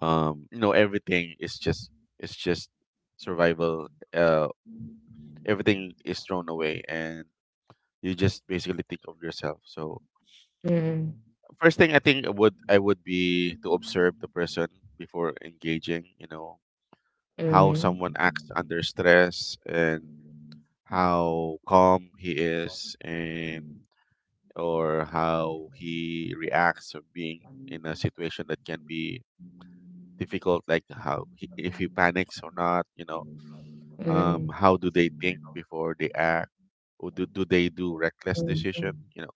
Speaker 2: you know, everything is just, it's just survival. uh Everything is thrown away and you just basically think of yourself. So
Speaker 1: mm,
Speaker 2: first thing, I think would, I would be to observe the person before engaging, you know. How someone
Speaker 1: mhm,
Speaker 2: acts under stress, and how calm he is, and or how he reacts of being in a situation that can be difficult, like how if he panics or not, you know.
Speaker 1: mm,
Speaker 2: How do they think before they act, or do they do reckless decision,
Speaker 1: mhm,
Speaker 2: you know.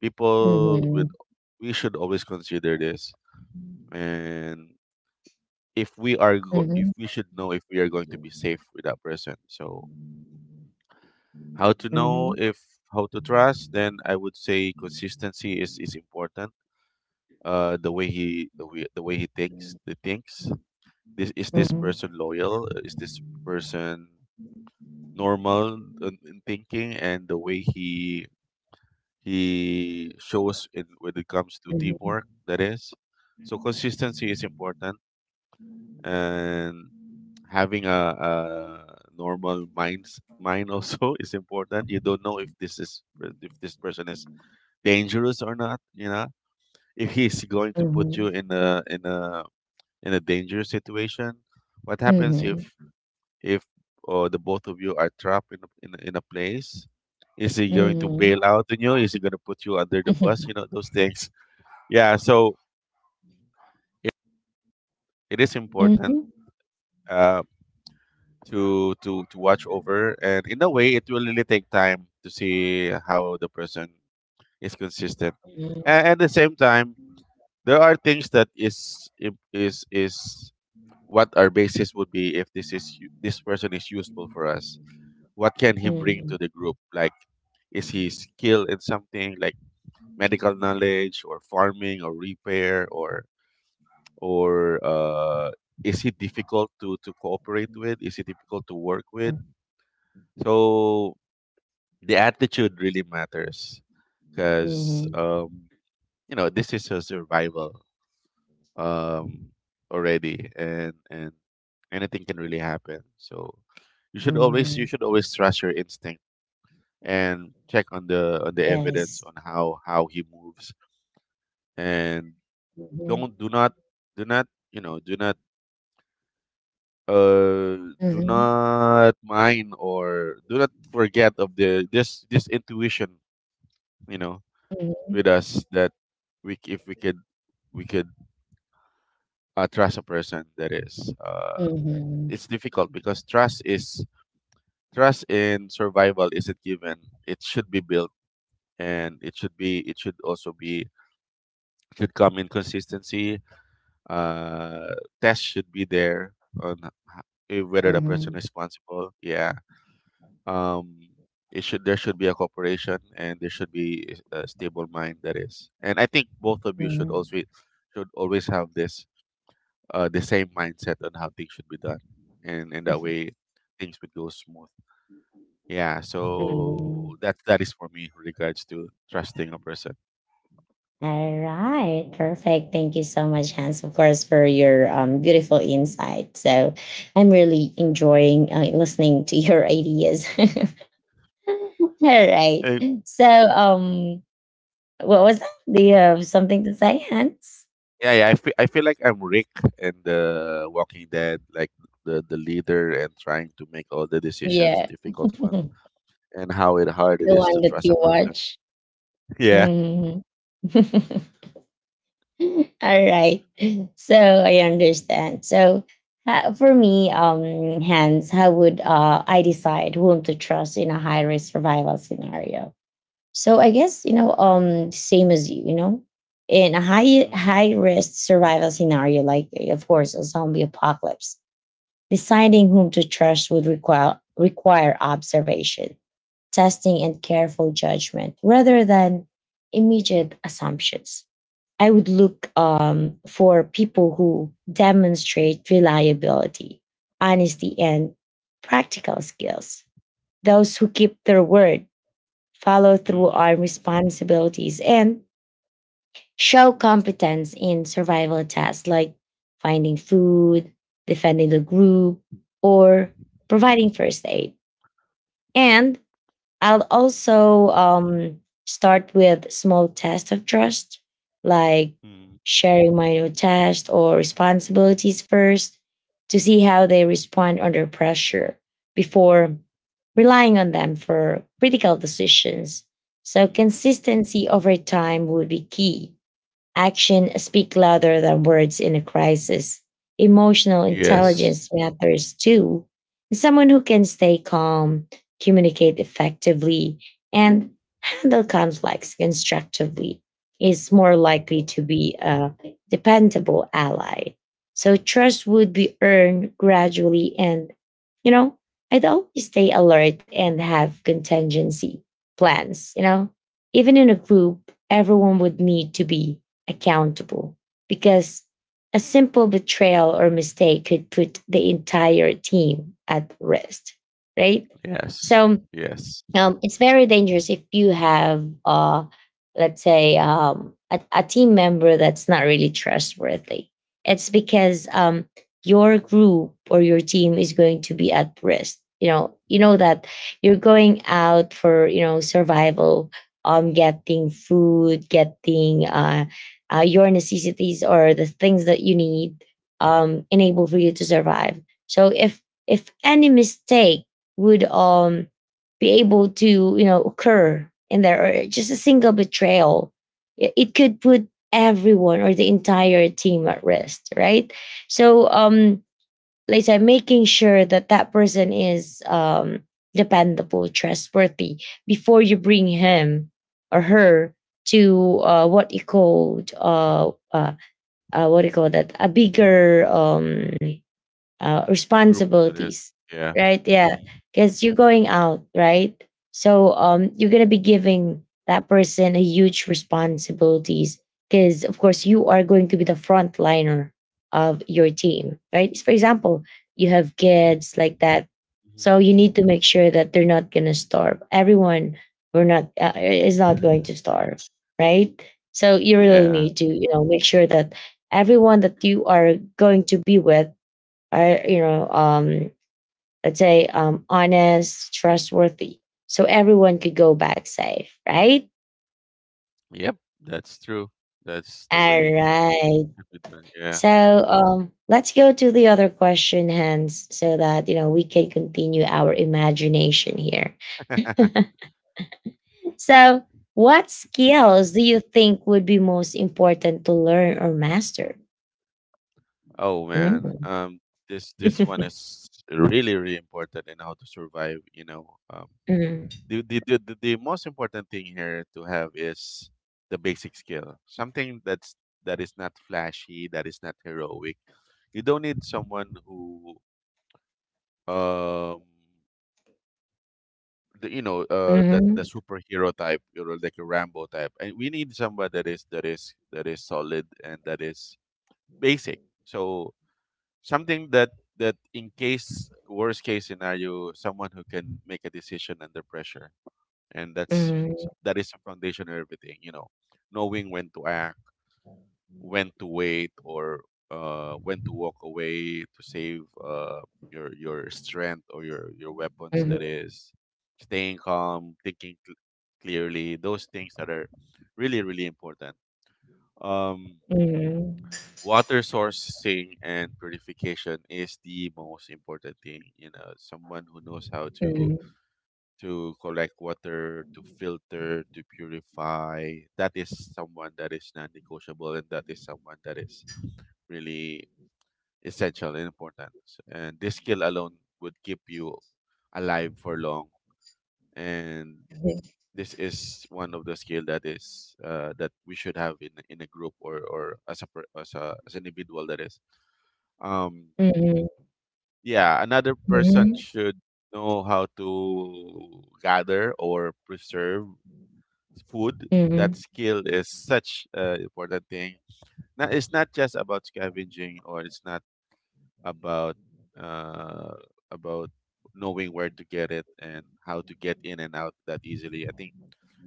Speaker 2: People
Speaker 1: mhm,
Speaker 2: with, we should always consider this. And if
Speaker 1: mhm,
Speaker 2: we should know if we are going to be safe with that person. So how to know
Speaker 1: mhm,
Speaker 2: if, how to trust, then I would say consistency is important. The way he, the way he takes the thinks. This is this person
Speaker 1: mhm,
Speaker 2: loyal? Is this person normal in thinking, and the way he shows in when it comes to
Speaker 1: mhm,
Speaker 2: teamwork? That is, so consistency is important. And having a normal mind also is important. You don't know if this is, if this person is dangerous or not. You know, if he's going to put you
Speaker 1: mhm,
Speaker 2: in a, in a dangerous situation? What happens if
Speaker 1: mhm,
Speaker 2: if the both of you are trapped in a, in a place? Is he going to
Speaker 1: mhm,
Speaker 2: bail out on you? Is he going to put you under the bus? You know, those things. Yeah. So it, it is important,
Speaker 1: mhm,
Speaker 2: uh, to to watch over. And in a way, it will really take time to see how the person is consistent. And at the same time, there are things that is im- is what our basis would be. If this is this person is useful for us, what can he bring to
Speaker 1: mhm,
Speaker 2: the group? Like, is he skilled in something, like medical knowledge or farming or repair? Or is he difficult to cooperate with? Is he difficult to work with?
Speaker 1: mhm,
Speaker 2: So the attitude really matters. Because
Speaker 1: mhm,
Speaker 2: you know, this is a survival, um, already. And anything can really happen. So you should always, you
Speaker 1: mhm.
Speaker 2: should always trust your instinct and check on the, on the evidence
Speaker 1: Yes.
Speaker 2: on how he moves. And
Speaker 1: Mhm,
Speaker 2: don't, do not, do not, you know, uh do
Speaker 1: mhm,
Speaker 2: not mind or do not forget of the, this intuition, you know, with
Speaker 1: mhm,
Speaker 2: us. That we if we could, we could trust a person that is uh,
Speaker 1: mhm,
Speaker 2: it's difficult, because trust is, trust in survival isn't given, it should be built. And it should be, it should also be, it should come in consistency. uh, Test should be there on whether the person
Speaker 1: mhm,
Speaker 2: responsible. Yeah. Um, it should, there should be a cooperation, and there should be a stable mind, that is. And I think both of you should
Speaker 1: mhm,
Speaker 2: also, should always have this the same mindset on how things should be done. And in that way, things would go smooth. Yeah,
Speaker 1: mhm.
Speaker 2: so that, that is for me with regards to trusting a person.
Speaker 1: All right, perfect. Thank you so much, Hans, of course, for your beautiful insight. So I'm really enjoying listening to your ideas. All right.
Speaker 2: Uh,
Speaker 1: So, what was that? Do you have something to say, Hans?
Speaker 2: yeah, yeah, I feel, I feel like I'm Rick in the Walking Dead, like the leader and trying to make all the decisions,
Speaker 1: Yeah,
Speaker 2: difficult ones,
Speaker 1: the
Speaker 2: and how it hard it is to
Speaker 1: one that
Speaker 2: trust a
Speaker 1: you
Speaker 2: person.
Speaker 1: watch.
Speaker 2: Yeah.
Speaker 1: Mhm. All right. So I understand. So for me, Hans, how would I decide whom to trust in a high risk survival scenario? So I guess, you know, same as you, you know, in a high
Speaker 2: Mm-hmm.
Speaker 1: high risk survival scenario, like of course a zombie apocalypse, deciding whom to trust would require observation, testing, and careful judgment rather than immediate assumptions. I would look for people who demonstrate reliability, honesty, and practical skills. Those who keep their word, follow through
Speaker 2: Mm,
Speaker 1: on responsibilities, and show competence in survival tasks like finding food, defending the group, or providing first aid. And I'll also start with small tests of trust, like
Speaker 2: mm,
Speaker 1: sharing minor tasks or responsibilities first to see how they respond under pressure before relying on them for critical decisions. So,
Speaker 2: mm.
Speaker 1: consistency over time would be key. Action speak louder than words in a crisis. Emotional
Speaker 2: Yes.
Speaker 1: intelligence matters too. Someone who can stay calm, communicate effectively, and handle conflicts constructively is more likely to be a dependable ally. So trust would be earned gradually and, you know, I'd always stay alert and have contingency plans, you know? Even in a group, everyone would need to be accountable, because a simple betrayal or mistake could put the entire team at risk, right?
Speaker 2: Yes.
Speaker 1: So,
Speaker 2: Yes.
Speaker 1: it's very dangerous if you have, let's say, a team member that's not really trustworthy. It's because, your group or your team is going to be at risk. You know, you know that you're going out for, you know, survival, getting food, getting, your necessities or the things that you need, enable for you to survive. So if any mistake would be able to, you know, occur in there, or just a single betrayal, it could put everyone or the entire team at risk, right? So, like I said, making sure that that person is, dependable, trustworthy before you bring him or her to, what you called, what you call that, a bigger,
Speaker 2: Group, that is.
Speaker 1: responsibilities,
Speaker 2: Yeah.
Speaker 1: right? Yeah,
Speaker 2: Hmm.
Speaker 1: because you're going out, right? So, you're gonna be giving that person a huge responsibilities, because, of course, you are going to be the frontliner of your team, right? For example, you have kids like that,
Speaker 2: Hmm.
Speaker 1: so you need to make sure that they're not gonna starve. Everyone, we're not, is not going to starve, right? So you really
Speaker 2: Yeah.
Speaker 1: need to, you know, make sure that everyone that you are going to be with are, you know, let's say, um, honest, trustworthy, so everyone could go back safe, right?
Speaker 2: Yep. That's true. That's the
Speaker 1: All
Speaker 2: way
Speaker 1: right,
Speaker 2: to do that. Yeah.
Speaker 1: so, let's go to the other question, Hans, so that, you know, we can continue our imagination here. So, what skills do you think would be most important to learn or master?
Speaker 2: Oh man,
Speaker 1: Mm.
Speaker 2: this, this one is really really important in how to survive. You know,
Speaker 1: Mhm,
Speaker 2: the the most important thing here to have is the basic skill, something that's, that is not flashy, that is not heroic. You don't need someone who um. The, you know, that the
Speaker 1: mhm,
Speaker 2: superhero type, you know, like a Rambo type. And we need somebody that is, that is solid, and that is basic. So something that, that in case worst case scenario, someone who can make a decision under pressure. And that's,
Speaker 1: mhm,
Speaker 2: that is the foundation of everything, you know. Knowing when to act, when to wait, or when to walk away to save your strength or your weapons,
Speaker 1: mhm,
Speaker 2: that is staying calm, thinking clearly. Those things that are really really important. um
Speaker 1: mhm,
Speaker 2: Water sourcing and purification is the most important thing. You know, someone who knows how to
Speaker 1: mhm,
Speaker 2: to collect water, to filter, to purify, that is someone that is non-negotiable, and that is someone that is really essential and important. And this skill alone would keep you alive for long. And this is one of the skill that is that we should have in a group, or as a, as an individual, that is. um
Speaker 1: mhm,
Speaker 2: yeah, another person
Speaker 1: mhm,
Speaker 2: should know how to gather or preserve food. That
Speaker 1: mhm.
Speaker 2: skill is such an important thing. Now, it's not just about scavenging, or it's not about uh about knowing where to get it and how to get in and out that easily. I think,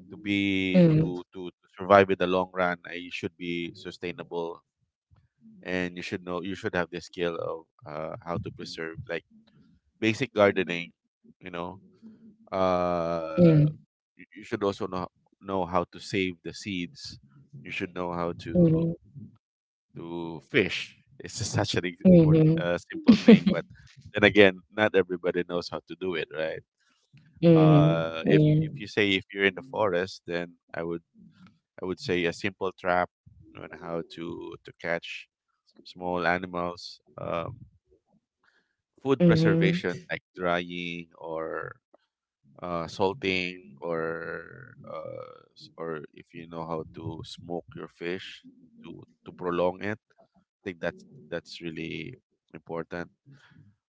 Speaker 2: to be,
Speaker 1: Mm,
Speaker 2: to survive in the long run, you should be sustainable. And you should know, you should have the skill of, how to preserve, like basic gardening, you know. uh
Speaker 1: mm,
Speaker 2: you, you should also know how to save the seeds. You should know how to
Speaker 1: mhm,
Speaker 2: to fish. It's just such an for
Speaker 1: mhm,
Speaker 2: simple thing, but then again, not everybody knows how to do it, right?
Speaker 1: mhm,
Speaker 2: If
Speaker 1: yeah,
Speaker 2: if you say, if you're in the forest, then I would, I would say a simple trap on how to catch small animals. Food
Speaker 1: mhm,
Speaker 2: preservation, like drying or salting, or or if you know how to smoke your fish, to prolong it. I think that's really important.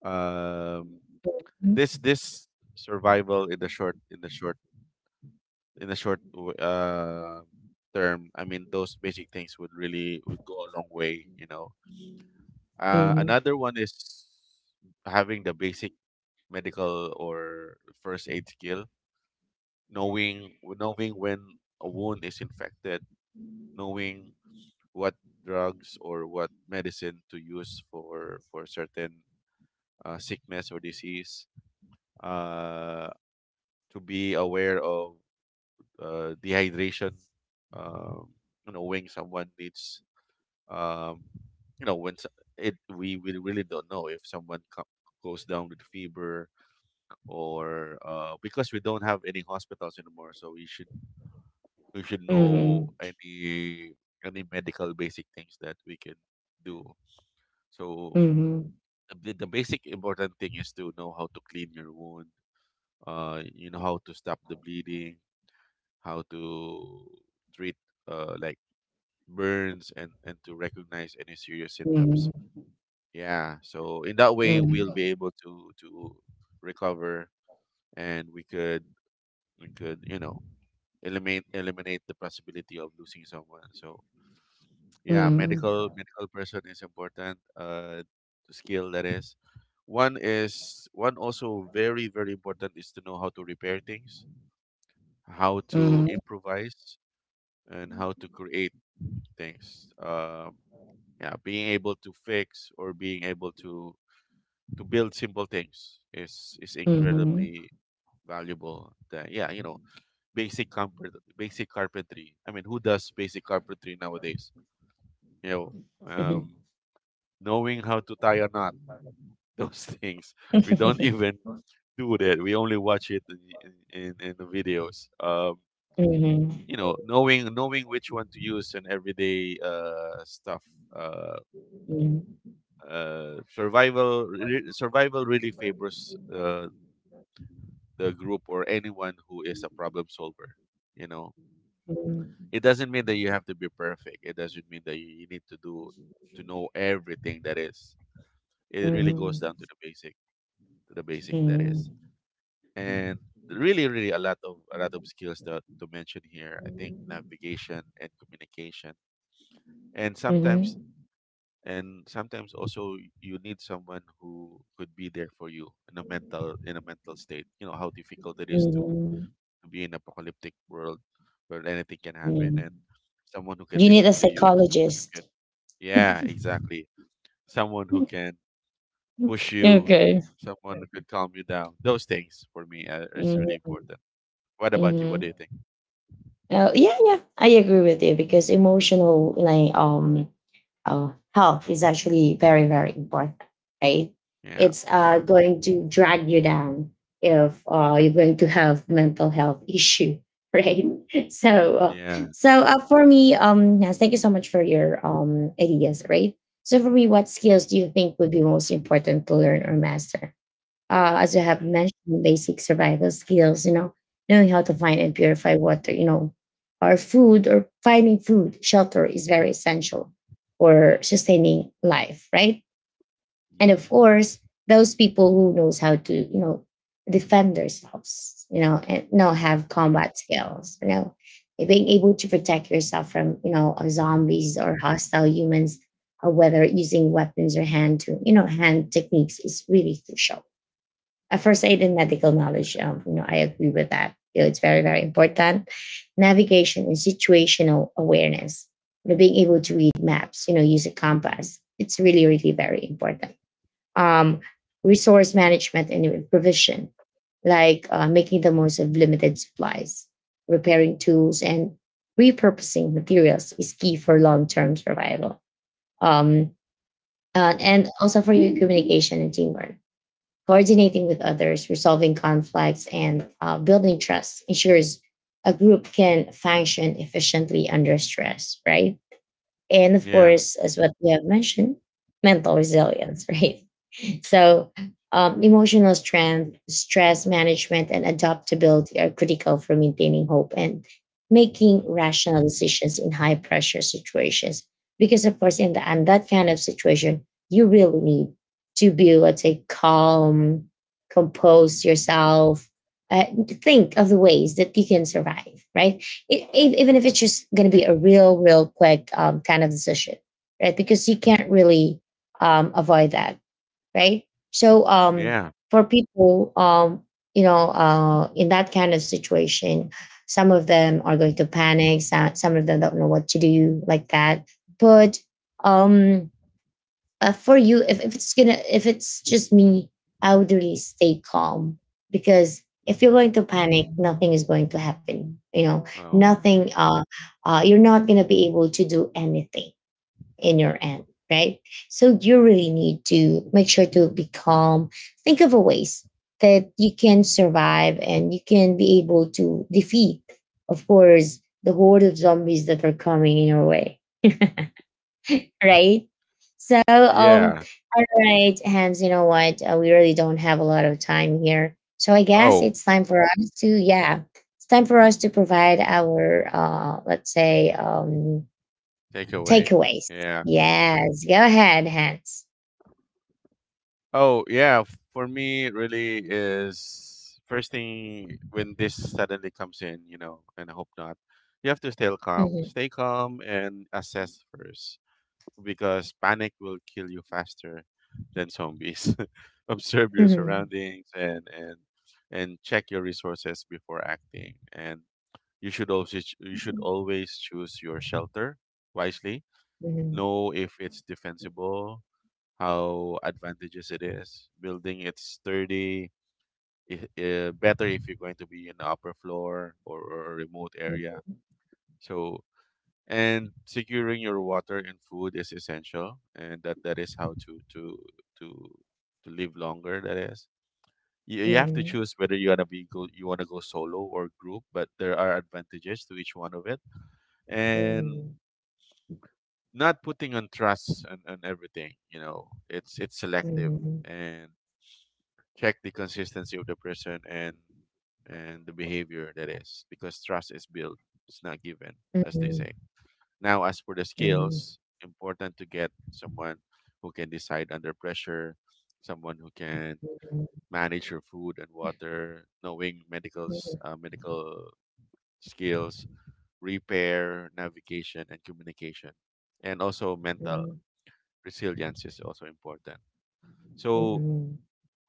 Speaker 2: Um, this, this survival in the short, in the short, in a term, I mean, those basic things would really, would go a long way, you know.
Speaker 1: mm, mhm,
Speaker 2: Another one is having the basic medical or first aid skill. Knowing when a wound is infected, knowing what drugs or what medicine to use for certain sickness or disease, uh, to be aware of dehydration, um, knowing someone needs um, you know, it, we really don't know if someone goes down with fever or because we don't have any hospitals anymore. So we should, we should know any medical basic things that we can do. So
Speaker 1: mhm, mhm,
Speaker 2: the basic important thing is to know how to clean your wound, you know, how to stop the bleeding, how to treat, like burns, and to recognize any serious symptoms. Yeah. So in that way, we'll
Speaker 1: mhm,
Speaker 2: be able to recover. And we could, we could, you know, eliminate the possibility of losing someone. So yeah,
Speaker 1: mhm,
Speaker 2: medical person is important. Skill, that is. One is, one also very very important is to know how to repair things, how to
Speaker 1: mhm,
Speaker 2: improvise, and how to create things. Yeah, being able to fix, or being able to build simple things is
Speaker 1: mhm,
Speaker 2: incredibly valuable. That, yeah, you know, basic carpet, basic carpentry. I mean, who does basic carpentry nowadays? You know,
Speaker 1: mhm,
Speaker 2: um, knowing how to tie a knot, those things. We don't even do that. We only watch it in, in the videos.
Speaker 1: mhm, mhm, mhm,
Speaker 2: You know, knowing which one to use in everyday stuff. Uh, survival really favors the group, or anyone who is a problem solver, you know.
Speaker 1: mhm,
Speaker 2: It doesn't mean that you have to be perfect. It doesn't mean that you need to do, to know everything, that is. It really goes
Speaker 1: mhm,
Speaker 2: down to the basic, to the basic, that is. And really really a lot of, a lot of skills that to mention here, I think navigation and communication. And sometimes,
Speaker 1: mhm,
Speaker 2: and sometimes also, you need someone who could be there for you in a mental, in a mental state. You know how difficult it is to
Speaker 1: mhm,
Speaker 2: to be in apocalyptic world, where anything can happen.
Speaker 1: mhm.
Speaker 2: And someone who can
Speaker 1: You need
Speaker 2: listen
Speaker 1: a
Speaker 2: to you, someone who can,
Speaker 1: psychologist.
Speaker 2: yeah, exactly. Someone who can push you,
Speaker 1: Okay.
Speaker 2: someone who could calm you down. Those things for me are, is really
Speaker 1: Mm-hmm.
Speaker 2: important. What about you? What do you think?
Speaker 1: Oh, yeah, yeah. I agree with you, because emotional, like, uh, health is actually very very important, right?
Speaker 2: Yeah.
Speaker 1: It's going to drag you down if, you're going to have mental health issue, right? So,
Speaker 2: Yeah.
Speaker 1: for me, um, yes, thank you so much for your, um, ideas, right? So for me, what skills do you think would be most important to learn or master? As you have mentioned, basic survival skills, you know, knowing how to find and purify water, you know, or food, or finding food, shelter is very essential for sustaining life, right? And
Speaker 2: Mm-hmm.
Speaker 1: of course, those people who knows how to, you know, defend themselves, you know, and, you know,
Speaker 2: Yeah.
Speaker 1: have combat skills, you know, and being able to protect yourself from, you know, zombies or hostile humans, or whether using weapons or hand to, you know, hand techniques is really crucial. A first aid and medical knowledge. You know, I agree with that. You know, it's very, very important. Navigation and situational awareness. You know, being able to read maps, you know, use a compass. It's really, really very important. Um, resource management and provision, like, making the most of limited supplies, repairing tools, and repurposing materials is key for long-term survival. Um, and also for your communication and teamwork, coordinating with others, resolving conflicts, and, building trust ensures a group can function efficiently under stress, right? And of
Speaker 2: Yeah.
Speaker 1: course, as what you have mentioned, mental resilience, right? So, emotional strength, stress management, and adaptability are critical for maintaining hope and making
Speaker 2: Mm-hmm.
Speaker 1: rational decisions in high pressure situations. Because, of course, in
Speaker 2: Mm-hmm.
Speaker 1: the and that kind of situation, you really need to be, able to calm, compose yourself, uh, think of the ways that you can survive, right? Even if it's just going to be a real quick, kind of decision, right? Because you can't really, avoid that, right? So,
Speaker 2: Yeah.
Speaker 1: for people, you know, in that kind of situation, some of them are going to panic. Some of them don't know what to do, like that. But, um, for you, if it's gonna, if it's just me, I would really stay calm, because if you're
Speaker 2: Mm-hmm.
Speaker 1: going to panic, nothing is going to happen. You know,
Speaker 2: Oh.
Speaker 1: nothing. You're not gonna be able to do anything in your end, right? So you really need to make sure to be calm. Think of a ways that you can survive and you can be able to defeat, of course, the horde of zombies that are coming in your way,
Speaker 2: Mm.
Speaker 1: right? So,
Speaker 2: Yeah.
Speaker 1: all right, Hans, you know what? We really don't have a lot of time here. So I guess
Speaker 2: Oh.
Speaker 1: it's time for us to, yeah, it's time for us to provide our, let's say,
Speaker 2: Takeaway.
Speaker 1: Takeaways.
Speaker 2: Yeah.
Speaker 1: Yes, go ahead, Hans.
Speaker 2: Oh yeah, for me, it really is, first thing when this suddenly comes in, you know, and I hope not. You have to stay calm.
Speaker 1: Mhm,
Speaker 2: Stay calm and assess first, because panic will kill you faster than zombies. Observe your
Speaker 1: mhm,
Speaker 2: surroundings and and check your resources before acting. And you should always choose your shelter wisely.
Speaker 1: mhm, mhm,
Speaker 2: Know if it's defensible, how advantageous it is. Building it's sturdy, better if you're going to be in the upper floor, or a remote area. So, and securing your water and food is essential. And that, that is how to to live longer. That is, you have to
Speaker 1: mhm,
Speaker 2: choose whether you wanna go solo or group, but there are advantages to each one of it. And
Speaker 1: mhm,
Speaker 2: not putting on trust and everything, you know. It's selective.
Speaker 1: mhm,
Speaker 2: And check the consistency of the person, and the behavior, that is. Because trust is built, it's not given, as they
Speaker 1: mhm,
Speaker 2: say. Now, as for the
Speaker 1: mhm, mhm,
Speaker 2: skills, important to get someone who can decide under pressure, someone who can manage your food and water, knowing medical, medical skills, repair, navigation, and communication, and also mental
Speaker 1: mhm,
Speaker 2: resilience is also important. So
Speaker 1: mhm,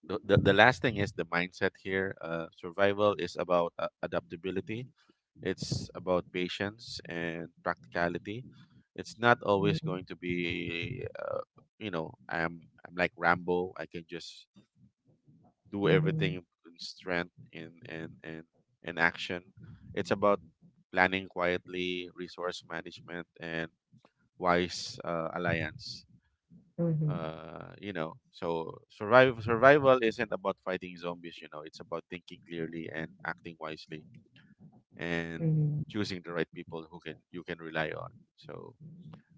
Speaker 2: the, last thing is the mindset here. Survival is about adaptability. It's about patience and practicality. It's not always going
Speaker 1: mhm,
Speaker 2: to be, you know, I'm like Rambo, I can just do
Speaker 1: mhm,
Speaker 2: everything
Speaker 1: mhm,
Speaker 2: in strength, in in action. It's about planning quietly, resource management, and wise alliance.
Speaker 1: mhm,
Speaker 2: Uh, you know, so survival isn't about fighting zombies, you know. It's about thinking clearly and acting wisely, and
Speaker 1: mhm.
Speaker 2: choosing the right people who can, you can rely on. So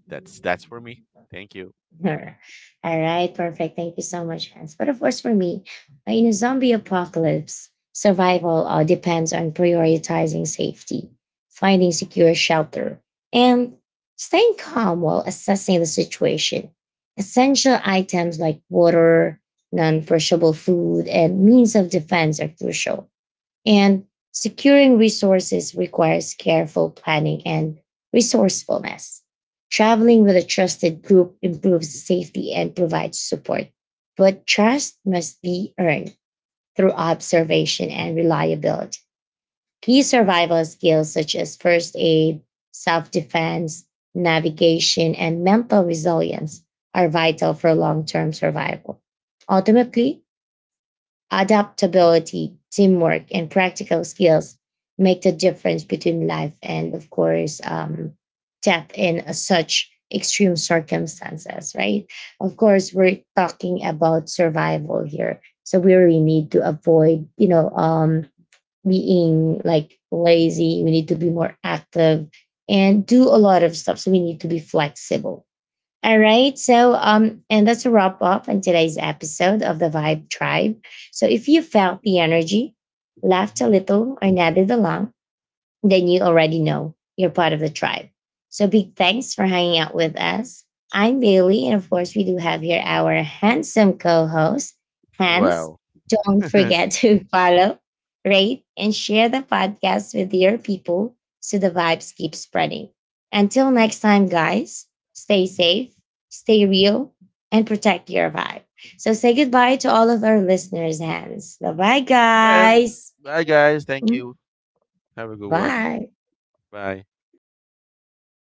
Speaker 2: that's for me. Thank you.
Speaker 1: Sure. All right, perfect. Thank you so much, Hans. But of course, for me, in a zombie apocalypse, survival depends on prioritizing safety, finding secure shelter, and staying calm while assessing the situation. Essential items like water, non perishable food, and means of defense are crucial. And securing resources requires careful planning and resourcefulness. Traveling with a trusted group improves safety and provides support, but trust must be earned through observation and reliability. Key survival skills such as first aid, self defense, navigation, and mental resilience are vital for long term survival. Ultimately, adaptability, teamwork, and practical skills make the difference between life and, of course, death in such extreme circumstances, right? Of course, we're talking about survival here. So we really need to avoid, you know, being like lazy. We need to be more active and do a lot of stuff. So we need to be flexible. All right. So, and that's a wrap up on today's episode of the Vibe Tribe. So, if you felt the energy, laughed a
Speaker 2: Hmm.
Speaker 1: little, or nodded along, then you already know you're part of the tribe. So big thanks for hanging out with us. I'm Bailey, and of course, we do have here our handsome co host, Hans.
Speaker 2: Wow.
Speaker 1: Don't forget to follow, rate, and share the podcast with your people so the vibes keep spreading. Until next time, guys, stay safe, stay real, and protect your vibe. So say goodbye to all of our listeners, Hans. Bye bye,
Speaker 2: And
Speaker 1: guys.
Speaker 2: bye guys, thank
Speaker 1: Mm,
Speaker 2: you, have a good one,
Speaker 1: bye.
Speaker 2: bye.